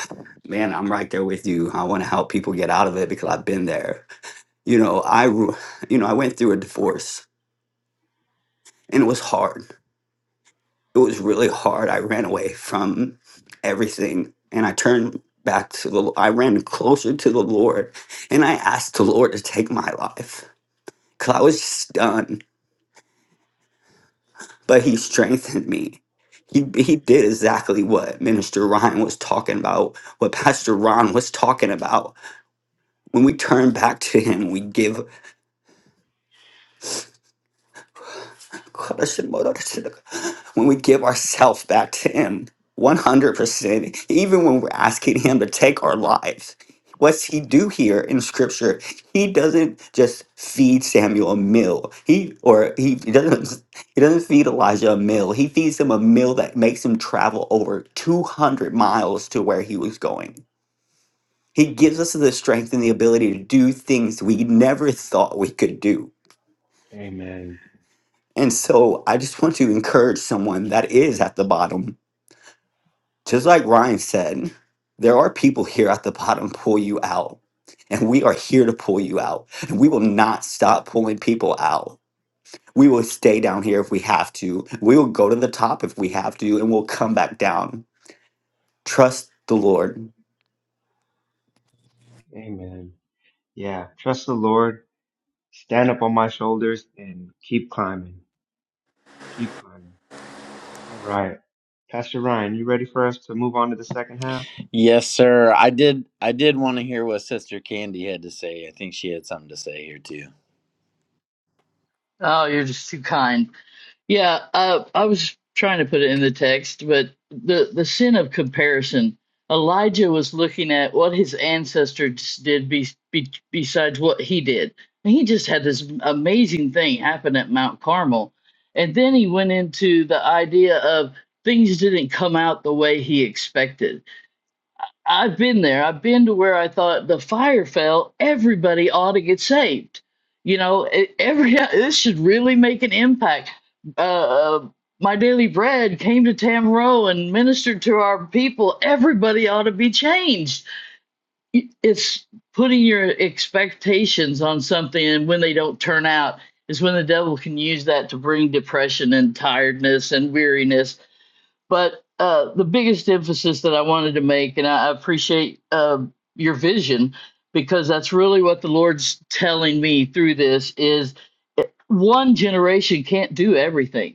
[SPEAKER 5] man, I'm right there with you. I want to help people get out of it because I've been there. You know, I, you know, I went through a divorce and it was hard it was really hard. I ran away from everything and I turned back to the I ran closer to the Lord and I asked the Lord to take my life cuz I was just done, but he strengthened me. He, he did exactly what Minister Ryan was talking about, what Pastor Ron was talking about. When we turn back to him, we give When we give ourselves back to Him, 100%, even when we're asking Him to take our lives, what's He do here in Scripture? He doesn't just feed Samuel a meal. He or he doesn't he doesn't feed Elijah a meal. He feeds him a meal that makes him travel over 200 miles to where he was going. He gives us the strength and the ability to do things we never thought we could do
[SPEAKER 1] Amen.
[SPEAKER 5] and so I just want to encourage someone that is at the bottom. Just like Ryan said, there are people here at the bottom pull you out. And we are here to pull you out. And we will not stop pulling people out. We will stay down here if we have to. We will go to the top if we have to, and we'll come back down. Trust the Lord.
[SPEAKER 1] Amen. Yeah, trust the Lord, stand up on my shoulders and keep climbing. Keep climbing. All right. Pastor Ryan, you ready for us to move on to the second half?
[SPEAKER 7] Yes, sir. I did. I did want to hear what Sister Candy had to say. I think she had something to say here too.
[SPEAKER 4] oh you're just too kind Yeah, uh, I was trying to put it in the text, but the the sin of comparison. Elijah was looking at what his ancestors did be, be, besides what he did. And he just had this amazing thing happen at Mount Carmel. And then he went into the idea of things didn't come out the way he expected. I've been there. I've been to where I thought the fire fell. Everybody ought to get saved. You know, e- every this should really make an impact. Uh, uh, my daily bread came to Tamro and ministered to our people. Everybody ought to be changed. Y- It's putting your expectations on something, and when they don't turn out, is when the devil can use that to bring depression and tiredness and weariness but uh, the biggest emphasis that I wanted to make, and I appreciate uh, your vision because that's really what the Lord's telling me through this is one generation can't do everything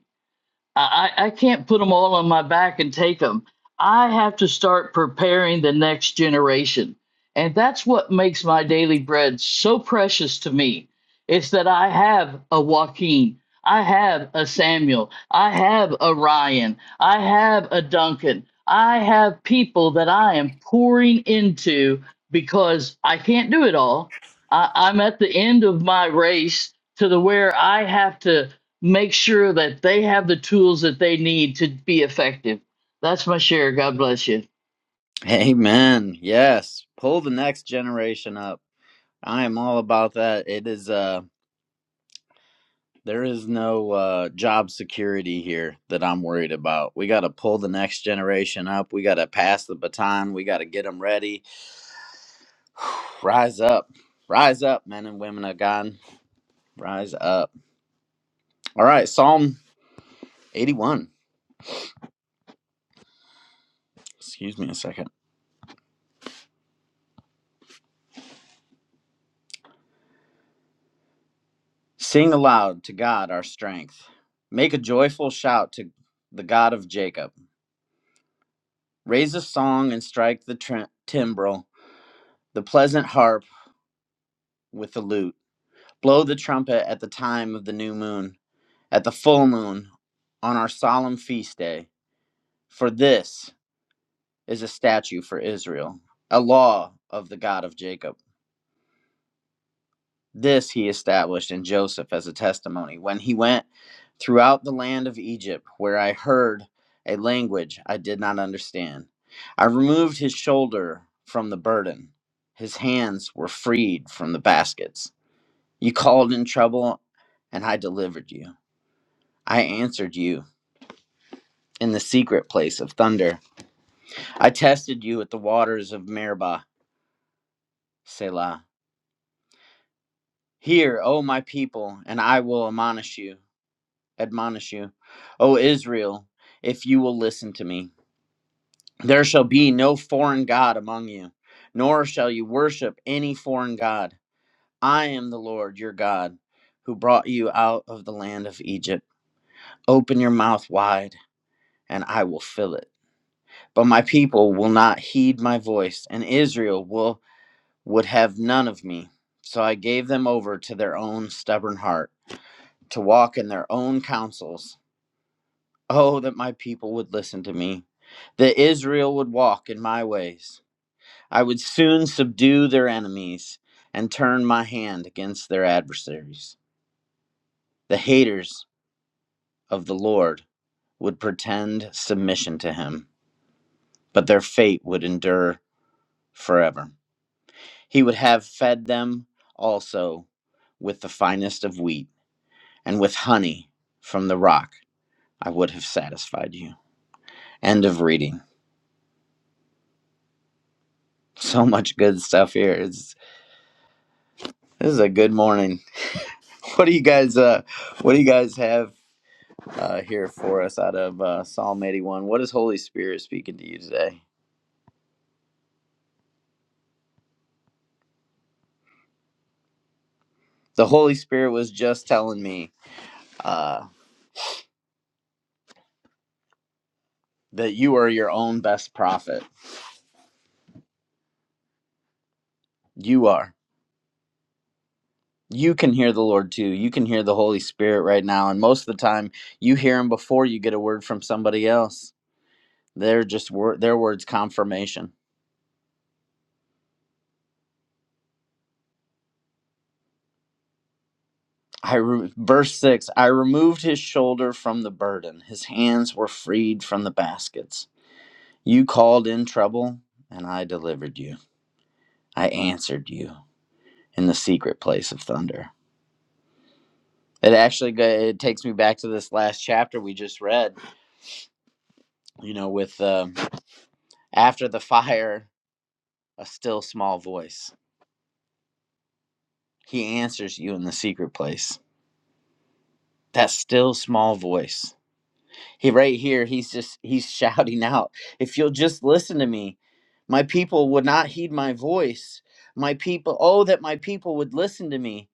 [SPEAKER 4] I, I I can't put them all on my back and take them. I have to start preparing the next generation. And that's what makes my daily bread so precious to me. It's that I have a Joaquin, I have a Samuel, I have a Ryan, I have a Duncan, I have people that I am pouring into because I can't do it all. I, I'm at the end of my race to the where I have to make sure that they have the tools that they need to be effective. That's my share. God bless you.
[SPEAKER 7] Amen. Yes. Pull the next generation up. I am all about that. It is uh there is no uh job security here that I'm worried about. We got to pull the next generation up. We got to pass the baton. We got to get them ready. Rise up. Rise up, men and women of God. Rise up. All right, Psalm 81. Excuse me a second. Sing aloud to God our strength. Make a joyful shout to the God of Jacob. Raise a song and strike the tr- timbrel, the pleasant harp with the lute. Blow the trumpet at the time of the new moon, at the full moon, on our solemn feast day. For this is a statute for Israel, a law of the God of Jacob. This he established in Joseph as a testimony when he went throughout the land of Egypt, where I heard a language I did not understand. I removed his shoulder from the burden, his hands were freed from the baskets. You called in trouble, and I delivered you. I answered you in the secret place of thunder. I tested you at the waters of Meribah, Selah. Hear, O my people, and I will admonish you. admonish you. O Israel, if you will listen to me, there shall be no foreign God among you, nor shall you worship any foreign God. I am the Lord your God, who brought you out of the land of Egypt. Open your mouth wide, and I will fill it. But my people will not heed my voice, and Israel will would have none of me. So I gave them over to their own stubborn heart, to walk in their own counsels Oh, that my people would listen to me, that Israel would walk in my ways. I would soon subdue their enemies and turn my hand against their adversaries. The haters of the Lord would pretend submission to him, but their fate would endure forever. He would have fed them also with the finest of wheat, and with honey from the rock I would have satisfied you. End of reading. So much good stuff here. It's This is a good morning. What do you guys uh what do you guys have uh here for us out of uh Psalm 81? What is Holy Spirit speaking to you today? The Holy Spirit was just telling me uh that you are your own best prophet. You are. You can hear the Lord too. You can hear the Holy Spirit right now and most of the time you hear him before you get a word from somebody else. They're just wor- their words confirmation I re- verse 6 I removed his shoulder from the burden his hands were freed from the baskets you called in trouble and I delivered you I answered you in the secret place of thunder it actually go- it takes me back to this last chapter we just read you know with um, after the fire a still small voice he answers you in the secret place that still small voice He right here, he's just he's shouting out, if you'll just listen to me, my people would not heed my voice. My people, oh that my people would listen to me.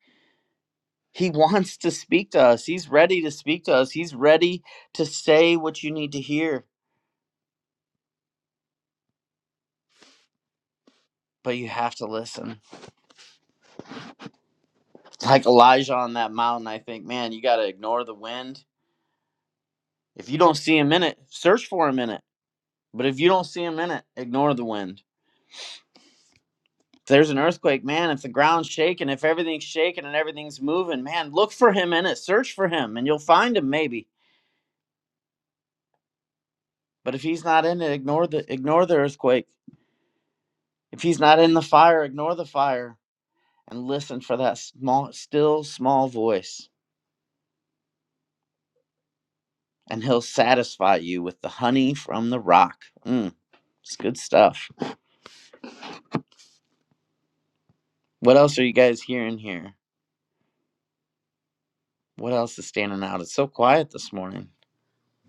[SPEAKER 7] He wants to speak to us. He's ready to speak to us. He's ready to say what you need to hear, but you have to listen. Like Elijah on that mountain, I think, man, you got to ignore the wind. If you don't see him in it, search for him in it. But if you don't see him in it, ignore the wind there's an earthquake, man, if the ground's shaking, if everything's shaking and everything's moving, man, look for him in it, search for him, and you'll find him maybe. But if he's not in it, ignore the ignore the earthquake. If he's not in the fire, ignore the fire and listen for that small still small voice, and he'll satisfy you with the honey from the rock. Mm, it's good stuff. What else are you guys hearing here? What else is standing out? It's so quiet this morning.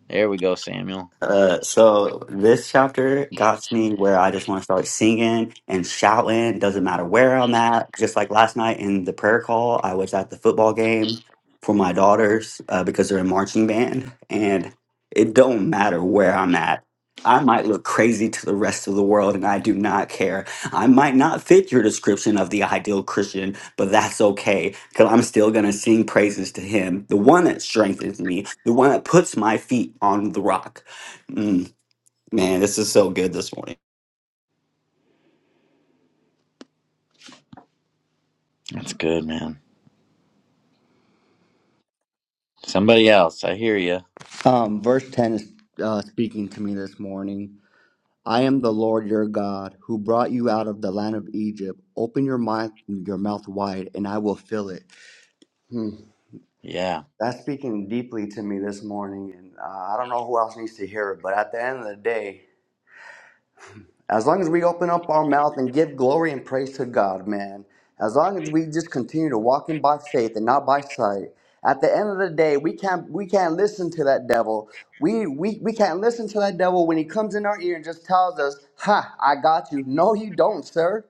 [SPEAKER 7] There we go, Samuel.
[SPEAKER 5] Uh, so this chapter got me where I just want to start singing and shouting. Doesn't matter where I'm at. Just like last night in the prayer call, I was at the football game for my daughters uh, because they're in marching band, and it don't matter where I'm at. I might look crazy to the rest of the world, and I do not care. I might not fit your description of the ideal Christian, but that's okay because I'm still going to sing praises to Him, the one that strengthens me, the one that puts my feet on the rock. Mm, man, this is so good this morning.
[SPEAKER 7] That's good, man. Somebody else, I hear you.
[SPEAKER 6] Um, verse 10 is uh, speaking to me this morning. I am the Lord your God who brought you out of the land of Egypt. Open your mouth, your mouth wide, and I will fill it. Hmm.
[SPEAKER 7] Yeah.
[SPEAKER 6] That's speaking deeply to me this morning, and uh, I don't know who else needs to hear it. But at the end of the day, As long as we open up our mouth and give glory and praise to God, man, as long as we just continue to walk in by faith and not by sight, at the end of the day, we can't we can't listen to that devil. We we we can't listen to that devil when he comes in our ear and just tells us, "Ha, I got you." No, you don't, sir.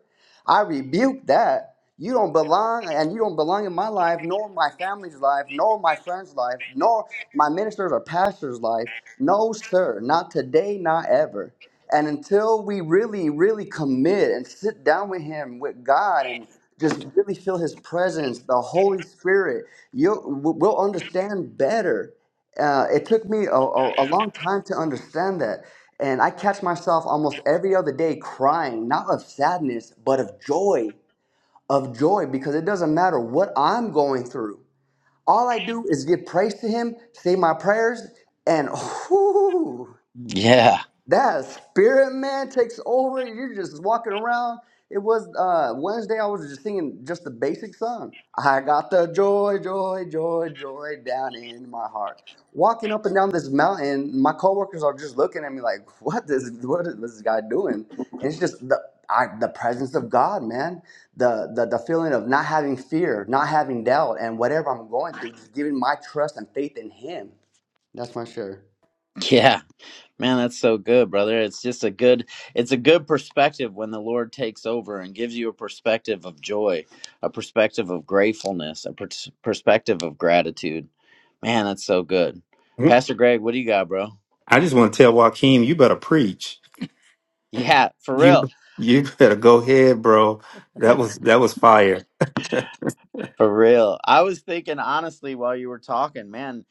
[SPEAKER 6] I rebuke that. You don't belong, and you don't belong in my life, nor my family's life, nor my friend's life, nor my minister's or pastor's life. No, sir, not today, not ever. And until we really, really commit and sit down with Him, with God, and just really feel His presence, the Holy Spirit, you'll, w- we'll understand better. Uh, it took me a, a, a long time to understand that. And I catch myself almost every other day crying, not of sadness, but of joy, of joy, because it doesn't matter what I'm going through. All I do is give praise to Him, say my prayers, and
[SPEAKER 7] Yeah.
[SPEAKER 6] that spirit man takes over you're just walking around it was uh wednesday i was just singing just the basic song i got the joy joy joy joy down in my heart walking up and down this mountain my coworkers are just looking at me like what is what is this guy doing and it's just the I, the presence of god man the, the the feeling of not having fear not having doubt and whatever i'm going through just giving my trust and faith in him that's my share
[SPEAKER 7] Yeah. Man, that's so good, brother. It's just a good it's a good perspective when the Lord takes over and gives you a perspective of joy, a perspective of gratefulness, a pers- perspective of gratitude. Man, that's so good.
[SPEAKER 8] Mm.
[SPEAKER 7] Pastor Greg, what do you got, bro?
[SPEAKER 8] I just want to tell Joaquin, you better preach.
[SPEAKER 7] Yeah, for real.
[SPEAKER 8] You you better go ahead, bro. That was that was fire.
[SPEAKER 7] For real. I was thinking honestly while you were talking, man,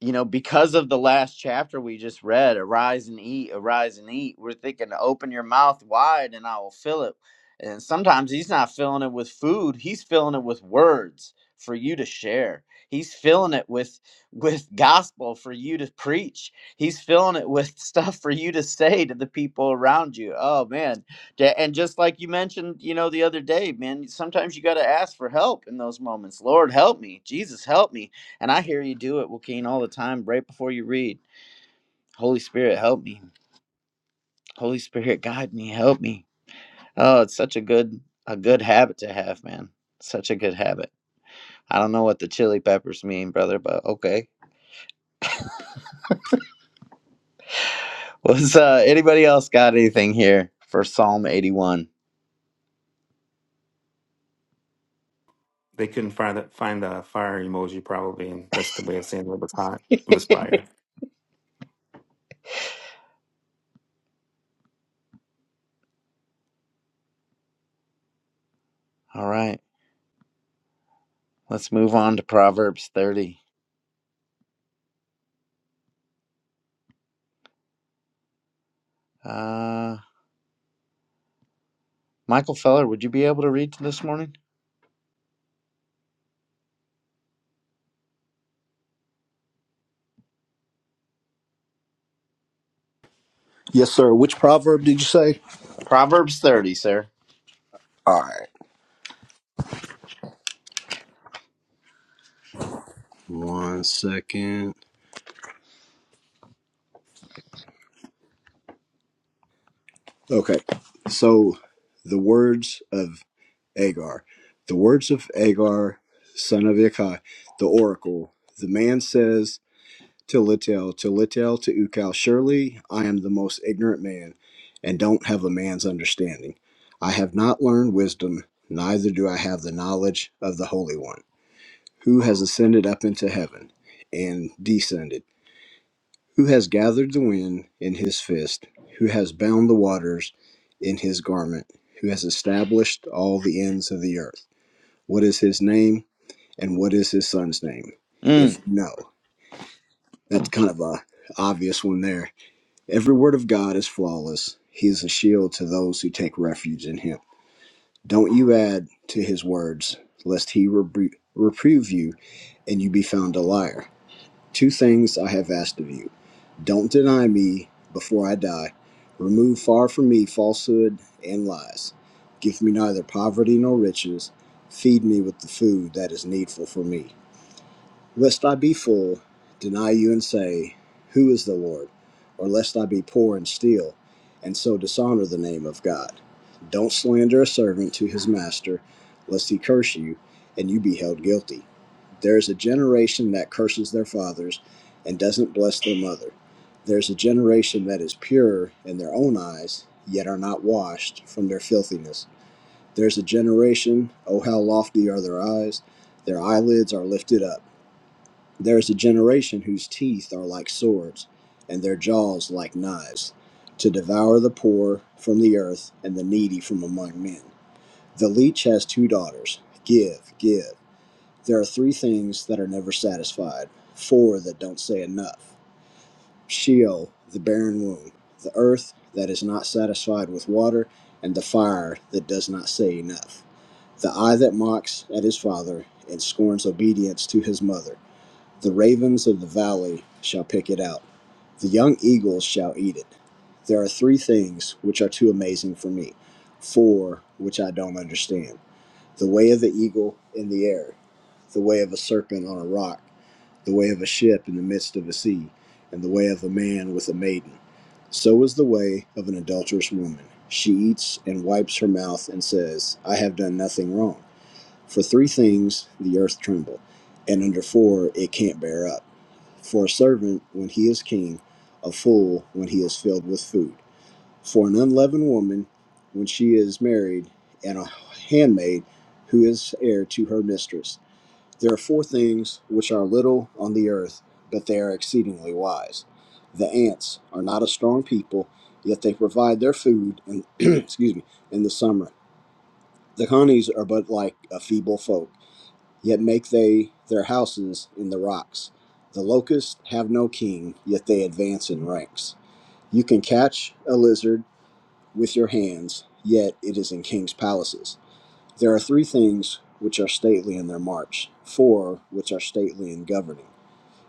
[SPEAKER 7] you know, because of the last chapter we just read, arise and eat, arise and eat, we're thinking, open your mouth wide and I will fill it. And sometimes he's not filling it with food, he's filling it with words for you to share. He's filling it with with gospel for you to preach. He's filling it with stuff for you to say to the people around you. Oh man. Da- And just like you mentioned, you know, the other day, man, sometimes you got to ask for help in those moments. Lord, help me. Jesus, help me and I hear you do it, Joaquin, all the time right before you read. Holy Spirit, help me. Holy Spirit, guide me, help me. Oh, it's such a good a good habit to have, man. Such a good habit. I don't know what the chili peppers mean, brother, but okay. Was uh anybody else got anything here for Psalm 81?
[SPEAKER 8] they couldn't find the, find the fire emoji probably, and that's the way of saying it was hot. It was fire.
[SPEAKER 7] All right. Let's move on to Proverbs 30. Uh Michael Feller, would you be able to read this morning?
[SPEAKER 9] Yes, sir. Which proverb did you say?
[SPEAKER 7] Proverbs 30, sir.
[SPEAKER 9] All right. One second. Okay. So the words of Agar. The words of Agar, son of Ikai, the oracle. The man says to Litel, to Litel, to Ukal, surely I am the most ignorant man and don't have a man's understanding. I have not learned wisdom, neither do I have the knowledge of the Holy One, who has ascended up into heaven and descended. who has gathered the wind in his fist, who has bound the waters in his garment, who has established all the ends of the earth. What is his name and what is his son's name? If
[SPEAKER 7] Mm.
[SPEAKER 9] you know, that's kind of a obvious one there. Every word of God is flawless. He is a shield to those who take refuge in him. Don't you add to his words, lest he rebu- reprove you and you be found a liar. Two things I have asked of you don't deny me before I die, remove far from me falsehood and lies. Give me neither poverty nor riches, feed me with the food that is needful for me. Lest I be full, deny you and say, Who is the Lord? Or lest I be poor and steal, and so dishonor the name of God. Don't slander a servant to his master, lest he curse you, and you be held guilty. There is a generation that curses their fathers and doesn't bless their mother. There's a generation that is pure in their own eyes, yet are not washed from their filthiness. There's a generation, oh, how lofty are their eyes! Their eyelids are lifted up. There is a generation whose teeth are like swords, and their jaws like knives, to devour the poor from the earth and the needy from among men. The leech has two daughters. Give, give. There are three things that are never satisfied, four that don't say enough Sheol, the barren womb, the earth that is not satisfied with water, and the fire that does not say enough. The eye that mocks at his father and scorns obedience to his mother the ravens of the valley shall pick it out. The young eagles shall eat it. There are three things which are too amazing for me, four which I don't understand the way of the eagle in the air, the way of a serpent on a rock, the way of a ship in the midst of a sea, and the way of a man with a maiden. So is the way of an adulterous woman. She eats and wipes her mouth and says, I have done nothing wrong. For three things the earth trembled, and under four it can't bear up. For a servant when he is king, a fool when he is filled with food. For an unleavened woman when she is married, and a handmaid who is heir to her mistress. There are four things which are little on the earth, but they are exceedingly wise. The ants are not a strong people, yet they provide their food in. excuse me in the summer. The honeys are but like a feeble folk yet make they their houses in the rocks. The locusts have no king, yet they advance in ranks. You can catch a lizard with your hands, yet it is in kings' palaces. There are three things which are stately in their march, four which are stately in governing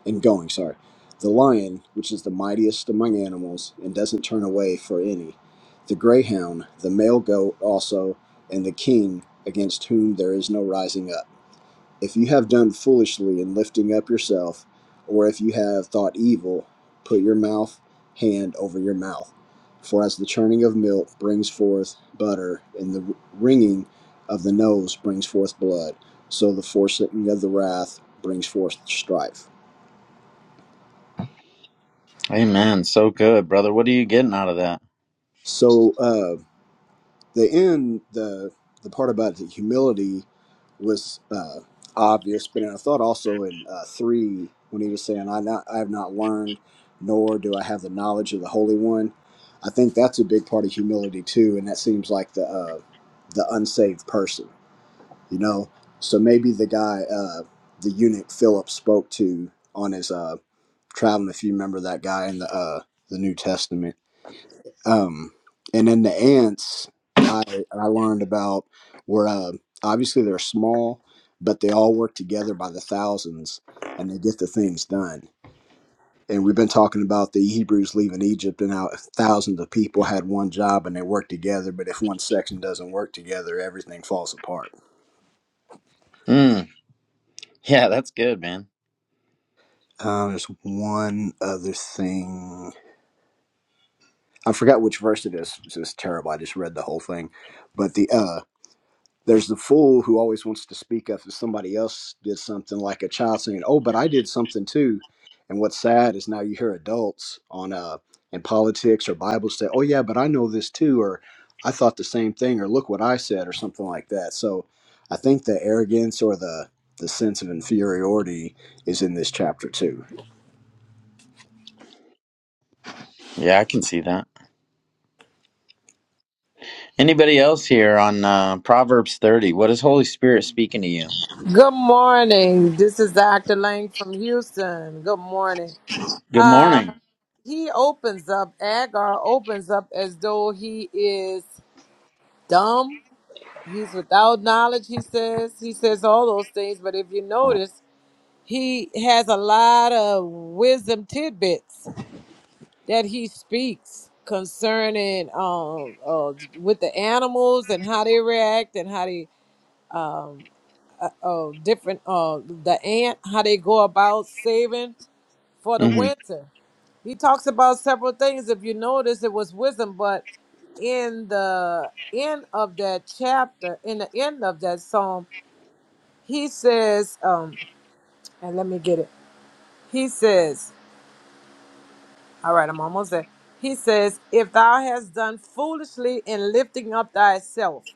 [SPEAKER 9] in going, sorry. The lion, which is the mightiest among animals and doesn't turn away for any, the greyhound, the male goat also, and the king against whom there is no rising up. If you have done foolishly in lifting up yourself, or if you have thought evil, put your mouth hand over your mouth. For as the churning of milk brings forth butter, and the wringing of the nose brings forth blood, so the forsaking of the wrath brings forth strife.
[SPEAKER 7] Amen. So good, brother. What are you getting out of that?
[SPEAKER 9] So, uh, the end, the the part about the humility was uh, obvious, but I thought also in uh, three when he was saying, "I not I have not learned, nor do I have the knowledge of the Holy One." I think that's a big part of humility too, and that seems like the uh, the unsaved person, you know. So maybe the guy, uh, the eunuch Philip spoke to on his uh, traveling, if you remember that guy in the uh, the New Testament um, and in the ants, I I learned about were uh, obviously they're small, but they all work together by the thousands, and they get the things done. And we've been talking about the Hebrews leaving Egypt and how thousands of people had one job and they worked together. But if one section doesn't work together, everything falls apart.
[SPEAKER 7] Mm. Yeah, that's good, man.
[SPEAKER 9] Um, there's one other thing. I forgot which verse it is. It's just terrible. I just read the whole thing, but the uh, There's the fool who always wants to speak up if somebody else did something, like a child saying, "Oh, but I did something too." And what's sad is now you hear adults on uh in politics or Bible say, "Oh yeah, but I know this too," or "I thought the same thing," or "Look what I said," or something like that. So I think the arrogance or the the sense of inferiority is in this chapter too.
[SPEAKER 7] Yeah, I can see that. Anybody else here on uh, Proverbs 30? What is Holy Spirit speaking to you?
[SPEAKER 10] Good morning. This is Dr. Lang from Houston. Good morning.
[SPEAKER 7] Good
[SPEAKER 10] Uh,
[SPEAKER 7] morning.
[SPEAKER 10] he opens up, Agar opens up as though he is dumb. He's without knowledge, he says. He says all those things, but if you
[SPEAKER 9] Um,
[SPEAKER 10] notice, he has a lot of wisdom tidbits that he speaks concerning um, uh, with the animals and how they react and how they um, uh, uh, different uh, the ant, how they go about saving for the
[SPEAKER 7] hmm
[SPEAKER 10] winter. He talks about several things. If you notice, it was wisdom, but in the end of that chapter, in the end of that psalm, he says, um, and let me get it. He says, all right, I'm almost there. He says, if thou hast done foolishly in lifting up thyself.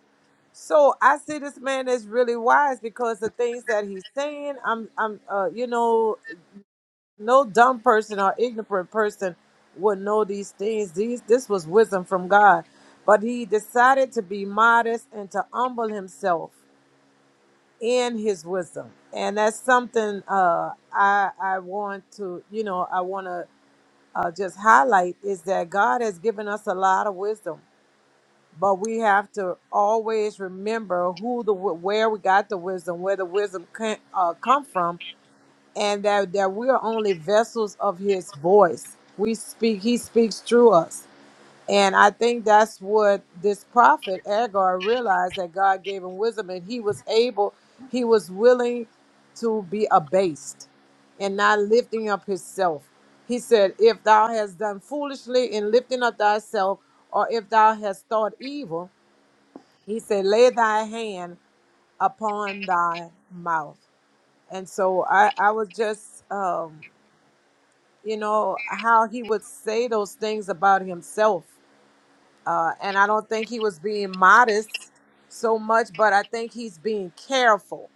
[SPEAKER 10] So I see this man is really wise because the things that he's saying, I'm, I'm, uh, you know, no dumb person or ignorant person would know these things. These this was wisdom from God. But he decided to be modest and to humble himself in his wisdom. And that's something uh I I want to, you know, I want to uh, just highlight is that God has given us a lot of wisdom, but we have to always remember who the where we got the wisdom, where the wisdom can, uh, come from, and that, that we are only vessels of his voice. We speak, he speaks through us. And I think that's what this prophet Agar realized that God gave him wisdom and he was able, he was willing to be abased and not lifting up himself. He said, If thou hast done foolishly in lifting up thyself, or if thou hast thought evil, he said, Lay thy hand upon thy mouth. And so I, I was just um, you know how he would say those things about himself uh, and i don't think he was being modest so much but i think he's being careful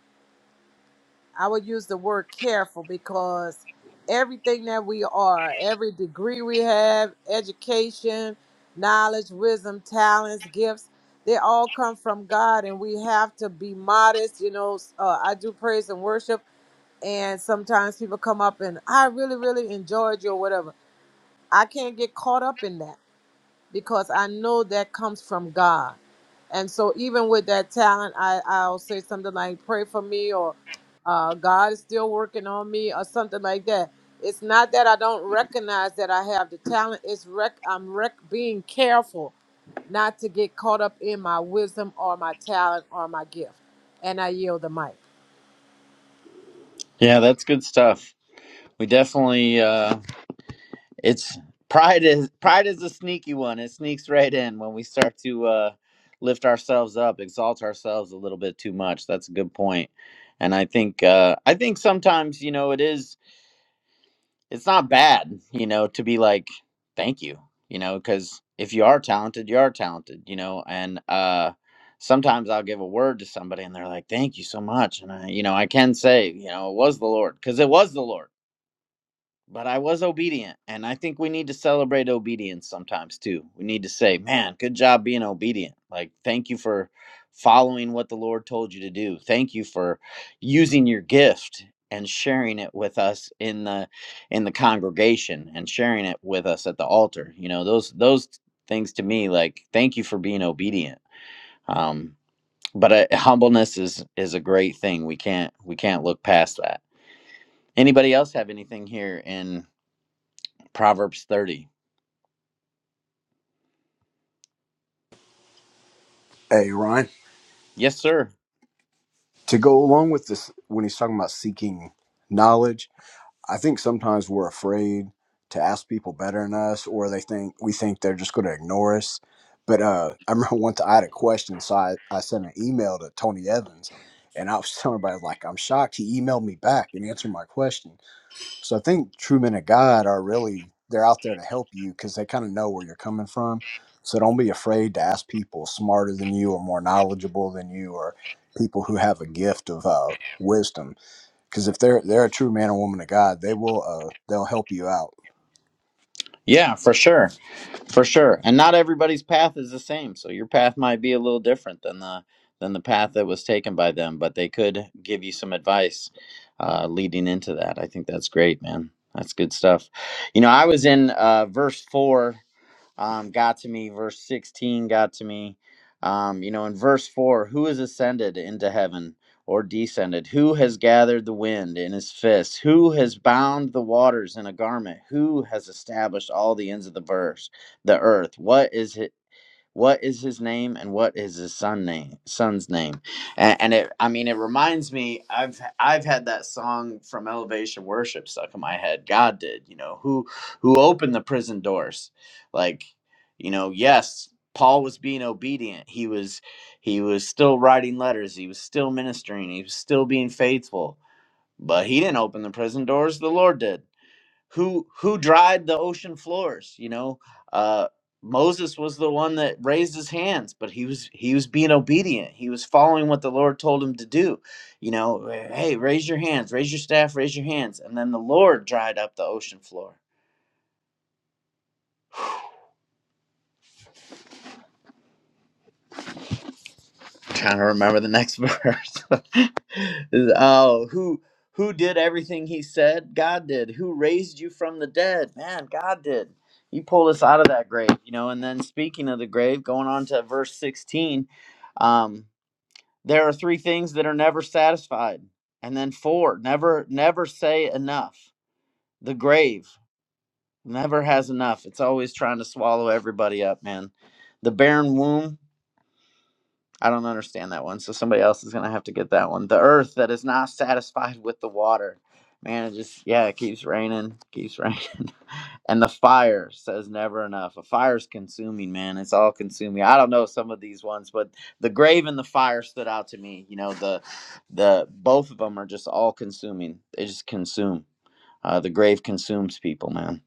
[SPEAKER 10] i would use the word careful because everything that we are every degree we have education knowledge wisdom talents gifts they all come from god and we have to be modest you know uh, i do praise and worship and sometimes people come up and i really really enjoyed you or whatever I can't get caught up in that because I know that comes from God. And so even with that talent, I, I'll say something like, pray for me or uh, God is still working on me or something like that. It's not that I don't recognize that I have the talent. It's rec- I'm rec- being careful not to get caught up in my wisdom or my talent or my gift. And I yield the mic.
[SPEAKER 7] Yeah, that's good stuff. We definitely uh, it's pride is pride is a sneaky one. It sneaks right in when we start to uh, lift ourselves up, exalt ourselves a little bit too much. That's a good point. And I think uh, I think sometimes you know it is. it's not bad, you know, to be like, thank you, you know, because if you are talented, you are talented, you know, and uh, sometimes I'll give a word to somebody and they're like, thank you so much. And I, you know, I can say, you know, it was the Lord because it was the Lord but I was obedient. And I think we need to celebrate obedience sometimes too. We need to say, man, good job being obedient. Like, thank you for following what the Lord told you to do. Thank you for using your gift and sharing it with us in the in the congregation and sharing it with us at the altar. You know, those those things to me like thank you for being obedient. Um but uh, humbleness is is a great thing. We can't we can't look past that. Anybody else have anything here in Proverbs 30.
[SPEAKER 9] hey, Ryan,
[SPEAKER 7] Yes, sir.
[SPEAKER 9] to go along with this, when he's talking about seeking knowledge I think sometimes we're afraid to ask people better than us, or they think we think they're just going to ignore us. But uh, I remember once I had a question, so I, I sent an email to Tony Evans, and I was telling everybody like I'm shocked he emailed me back and answered my question. So I think true men of God are really they're out there to help you because they kind of know where you're coming from. So don't be afraid to ask people smarter than you or more knowledgeable than you or people who have a gift of uh, wisdom because if they're they're a true man or woman of God, they will uh they'll help you out
[SPEAKER 7] Yeah, for sure. For sure. And not everybody's path is the same. So your path might be a little different than the than the path that was taken by them, but they could give you some advice uh, leading into that. I think that's great, man. That's good stuff. You know, I was in uh, verse 4 um, got to me. Verse 16 got to me. Um, you know, in verse 4, who has ascended into heaven or descended? Who has gathered the wind in his fist? Who has bound the waters in a garment? Who has established all the ends of the verse, the earth? What is it? what is his name and what is his son name son's name and, and it i mean it reminds me i've i've had that song from elevation worship stuck in my head god did you know who who opened the prison doors like you know yes paul was being obedient he was he was still writing letters he was still ministering he was still being faithful but he didn't open the prison doors the lord did who who dried the ocean floors you know uh moses was the one that raised his hands but he was he was being obedient he was following what the lord told him to do you know hey raise your hands raise your staff raise your hands and then the lord dried up the ocean floor trying to remember the next verse. oh, who who did everything he said? God did. Who raised you from the dead? Man, God did. He pulled us out of that grave, you know. And then speaking of the grave, going on to verse 16, um, there are three things that are never satisfied. And then four, never never say enough. The grave never has enough. It's always trying to swallow everybody up, man. The barren womb, I don't understand that one. So somebody else is gonna have to get that one. The earth that is not satisfied with the water. Man, it just yeah, it keeps raining, keeps raining. And the fire says never enough. A fire's consuming, man. It's all consuming. I don't know some of these ones, but the grave and the fire stood out to me. You know, the the both of them are just all consuming. They just consume uh, the grave consumes people, man.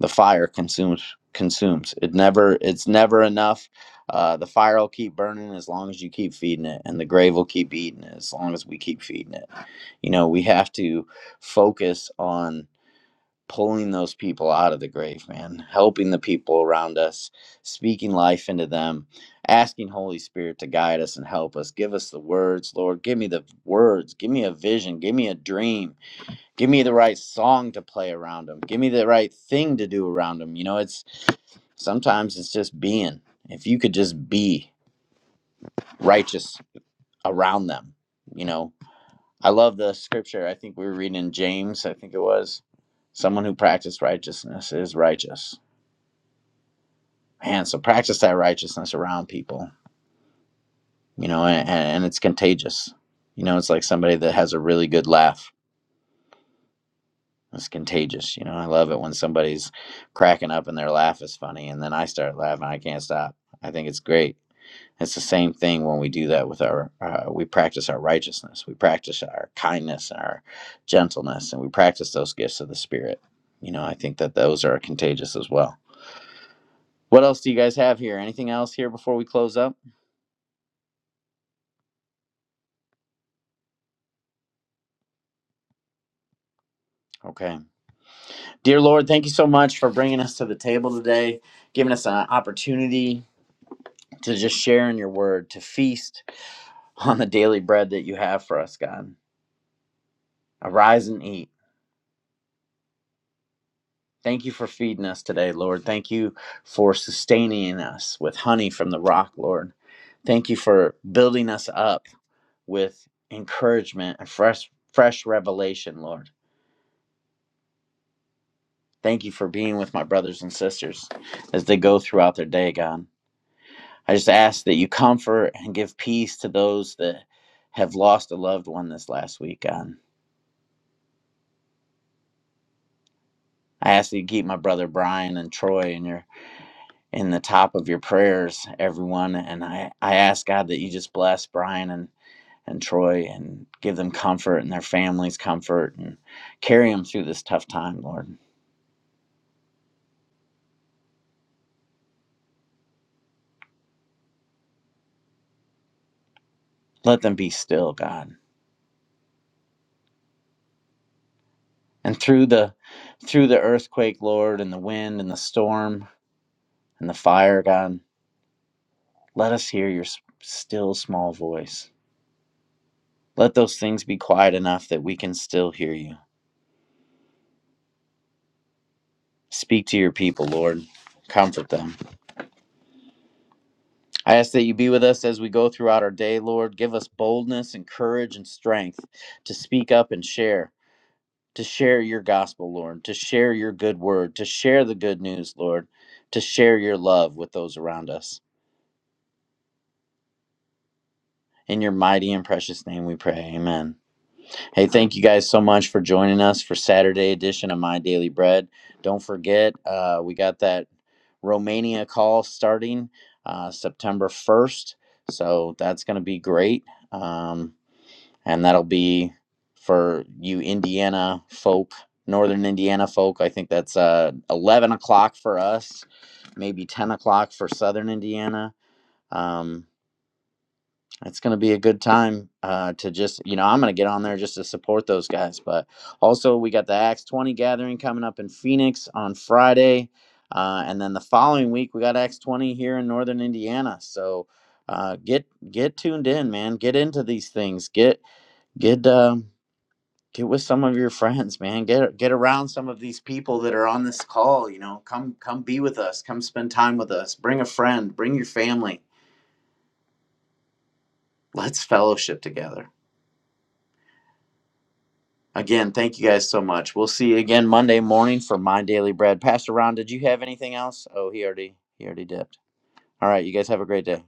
[SPEAKER 7] The fire consumes consumes. It never it's never enough. Uh, the fire will keep burning as long as you keep feeding it, and the grave will keep eating it as long as we keep feeding it. You know, we have to focus on pulling those people out of the grave, man. Helping the people around us, speaking life into them, asking Holy Spirit to guide us and help us. Give us the words, Lord. Give me the words. Give me a vision. Give me a dream give me the right song to play around them give me the right thing to do around them you know it's sometimes it's just being if you could just be righteous around them you know i love the scripture i think we were reading in james i think it was someone who practiced righteousness is righteous man so practice that righteousness around people you know and, and it's contagious you know it's like somebody that has a really good laugh It's contagious, you know. I love it when somebody's cracking up and their laugh is funny, and then I start laughing. I can't stop. I think it's great. It's the same thing when we do that with our. Uh, we practice our righteousness. We practice our kindness and our gentleness, and we practice those gifts of the spirit. You know, I think that those are contagious as well. What else do you guys have here? Anything else here before we close up? Okay. Dear Lord, thank you so much for bringing us to the table today, giving us an opportunity to just share in your word, to feast on the daily bread that you have for us, God. Arise and eat. Thank you for feeding us today, Lord. Thank you for sustaining us with honey from the rock, Lord. Thank you for building us up with encouragement and fresh fresh revelation, Lord. Thank you for being with my brothers and sisters as they go throughout their day, God. I just ask that you comfort and give peace to those that have lost a loved one this last week, God. I ask that you keep my brother Brian and Troy in your in the top of your prayers, everyone. And I, I ask God that you just bless Brian and, and Troy and give them comfort and their families comfort and carry them through this tough time, Lord. Let them be still, God. And through the through the earthquake, Lord, and the wind and the storm and the fire, God, let us hear your still small voice. Let those things be quiet enough that we can still hear you. Speak to your people, Lord. Comfort them. I ask that you be with us as we go throughout our day, Lord. Give us boldness and courage and strength to speak up and share, to share your gospel, Lord, to share your good word, to share the good news, Lord, to share your love with those around us. In your mighty and precious name we pray. Amen. Hey, thank you guys so much for joining us for Saturday edition of My Daily Bread. Don't forget, uh, we got that Romania call starting uh, September 1st. So that's going to be great. Um, and that'll be for you Indiana folk, Northern Indiana folk. I think that's uh, 11 o'clock for us, maybe 10 o'clock for Southern Indiana. Um, it's going to be a good time uh, to just, you know, I'm going to get on there just to support those guys. But also, we got the Acts 20 gathering coming up in Phoenix on Friday. Uh, and then the following week, we got Acts 20 here in Northern Indiana. So uh, get get tuned in, man. Get into these things. Get get um, get with some of your friends man get get around some of these people that are on this call you know come come be with us come spend time with us bring a friend bring your family let's fellowship together again thank you guys so much we'll see you again monday morning for my daily bread pastor ron did you have anything else oh he already he already dipped all right you guys have a great day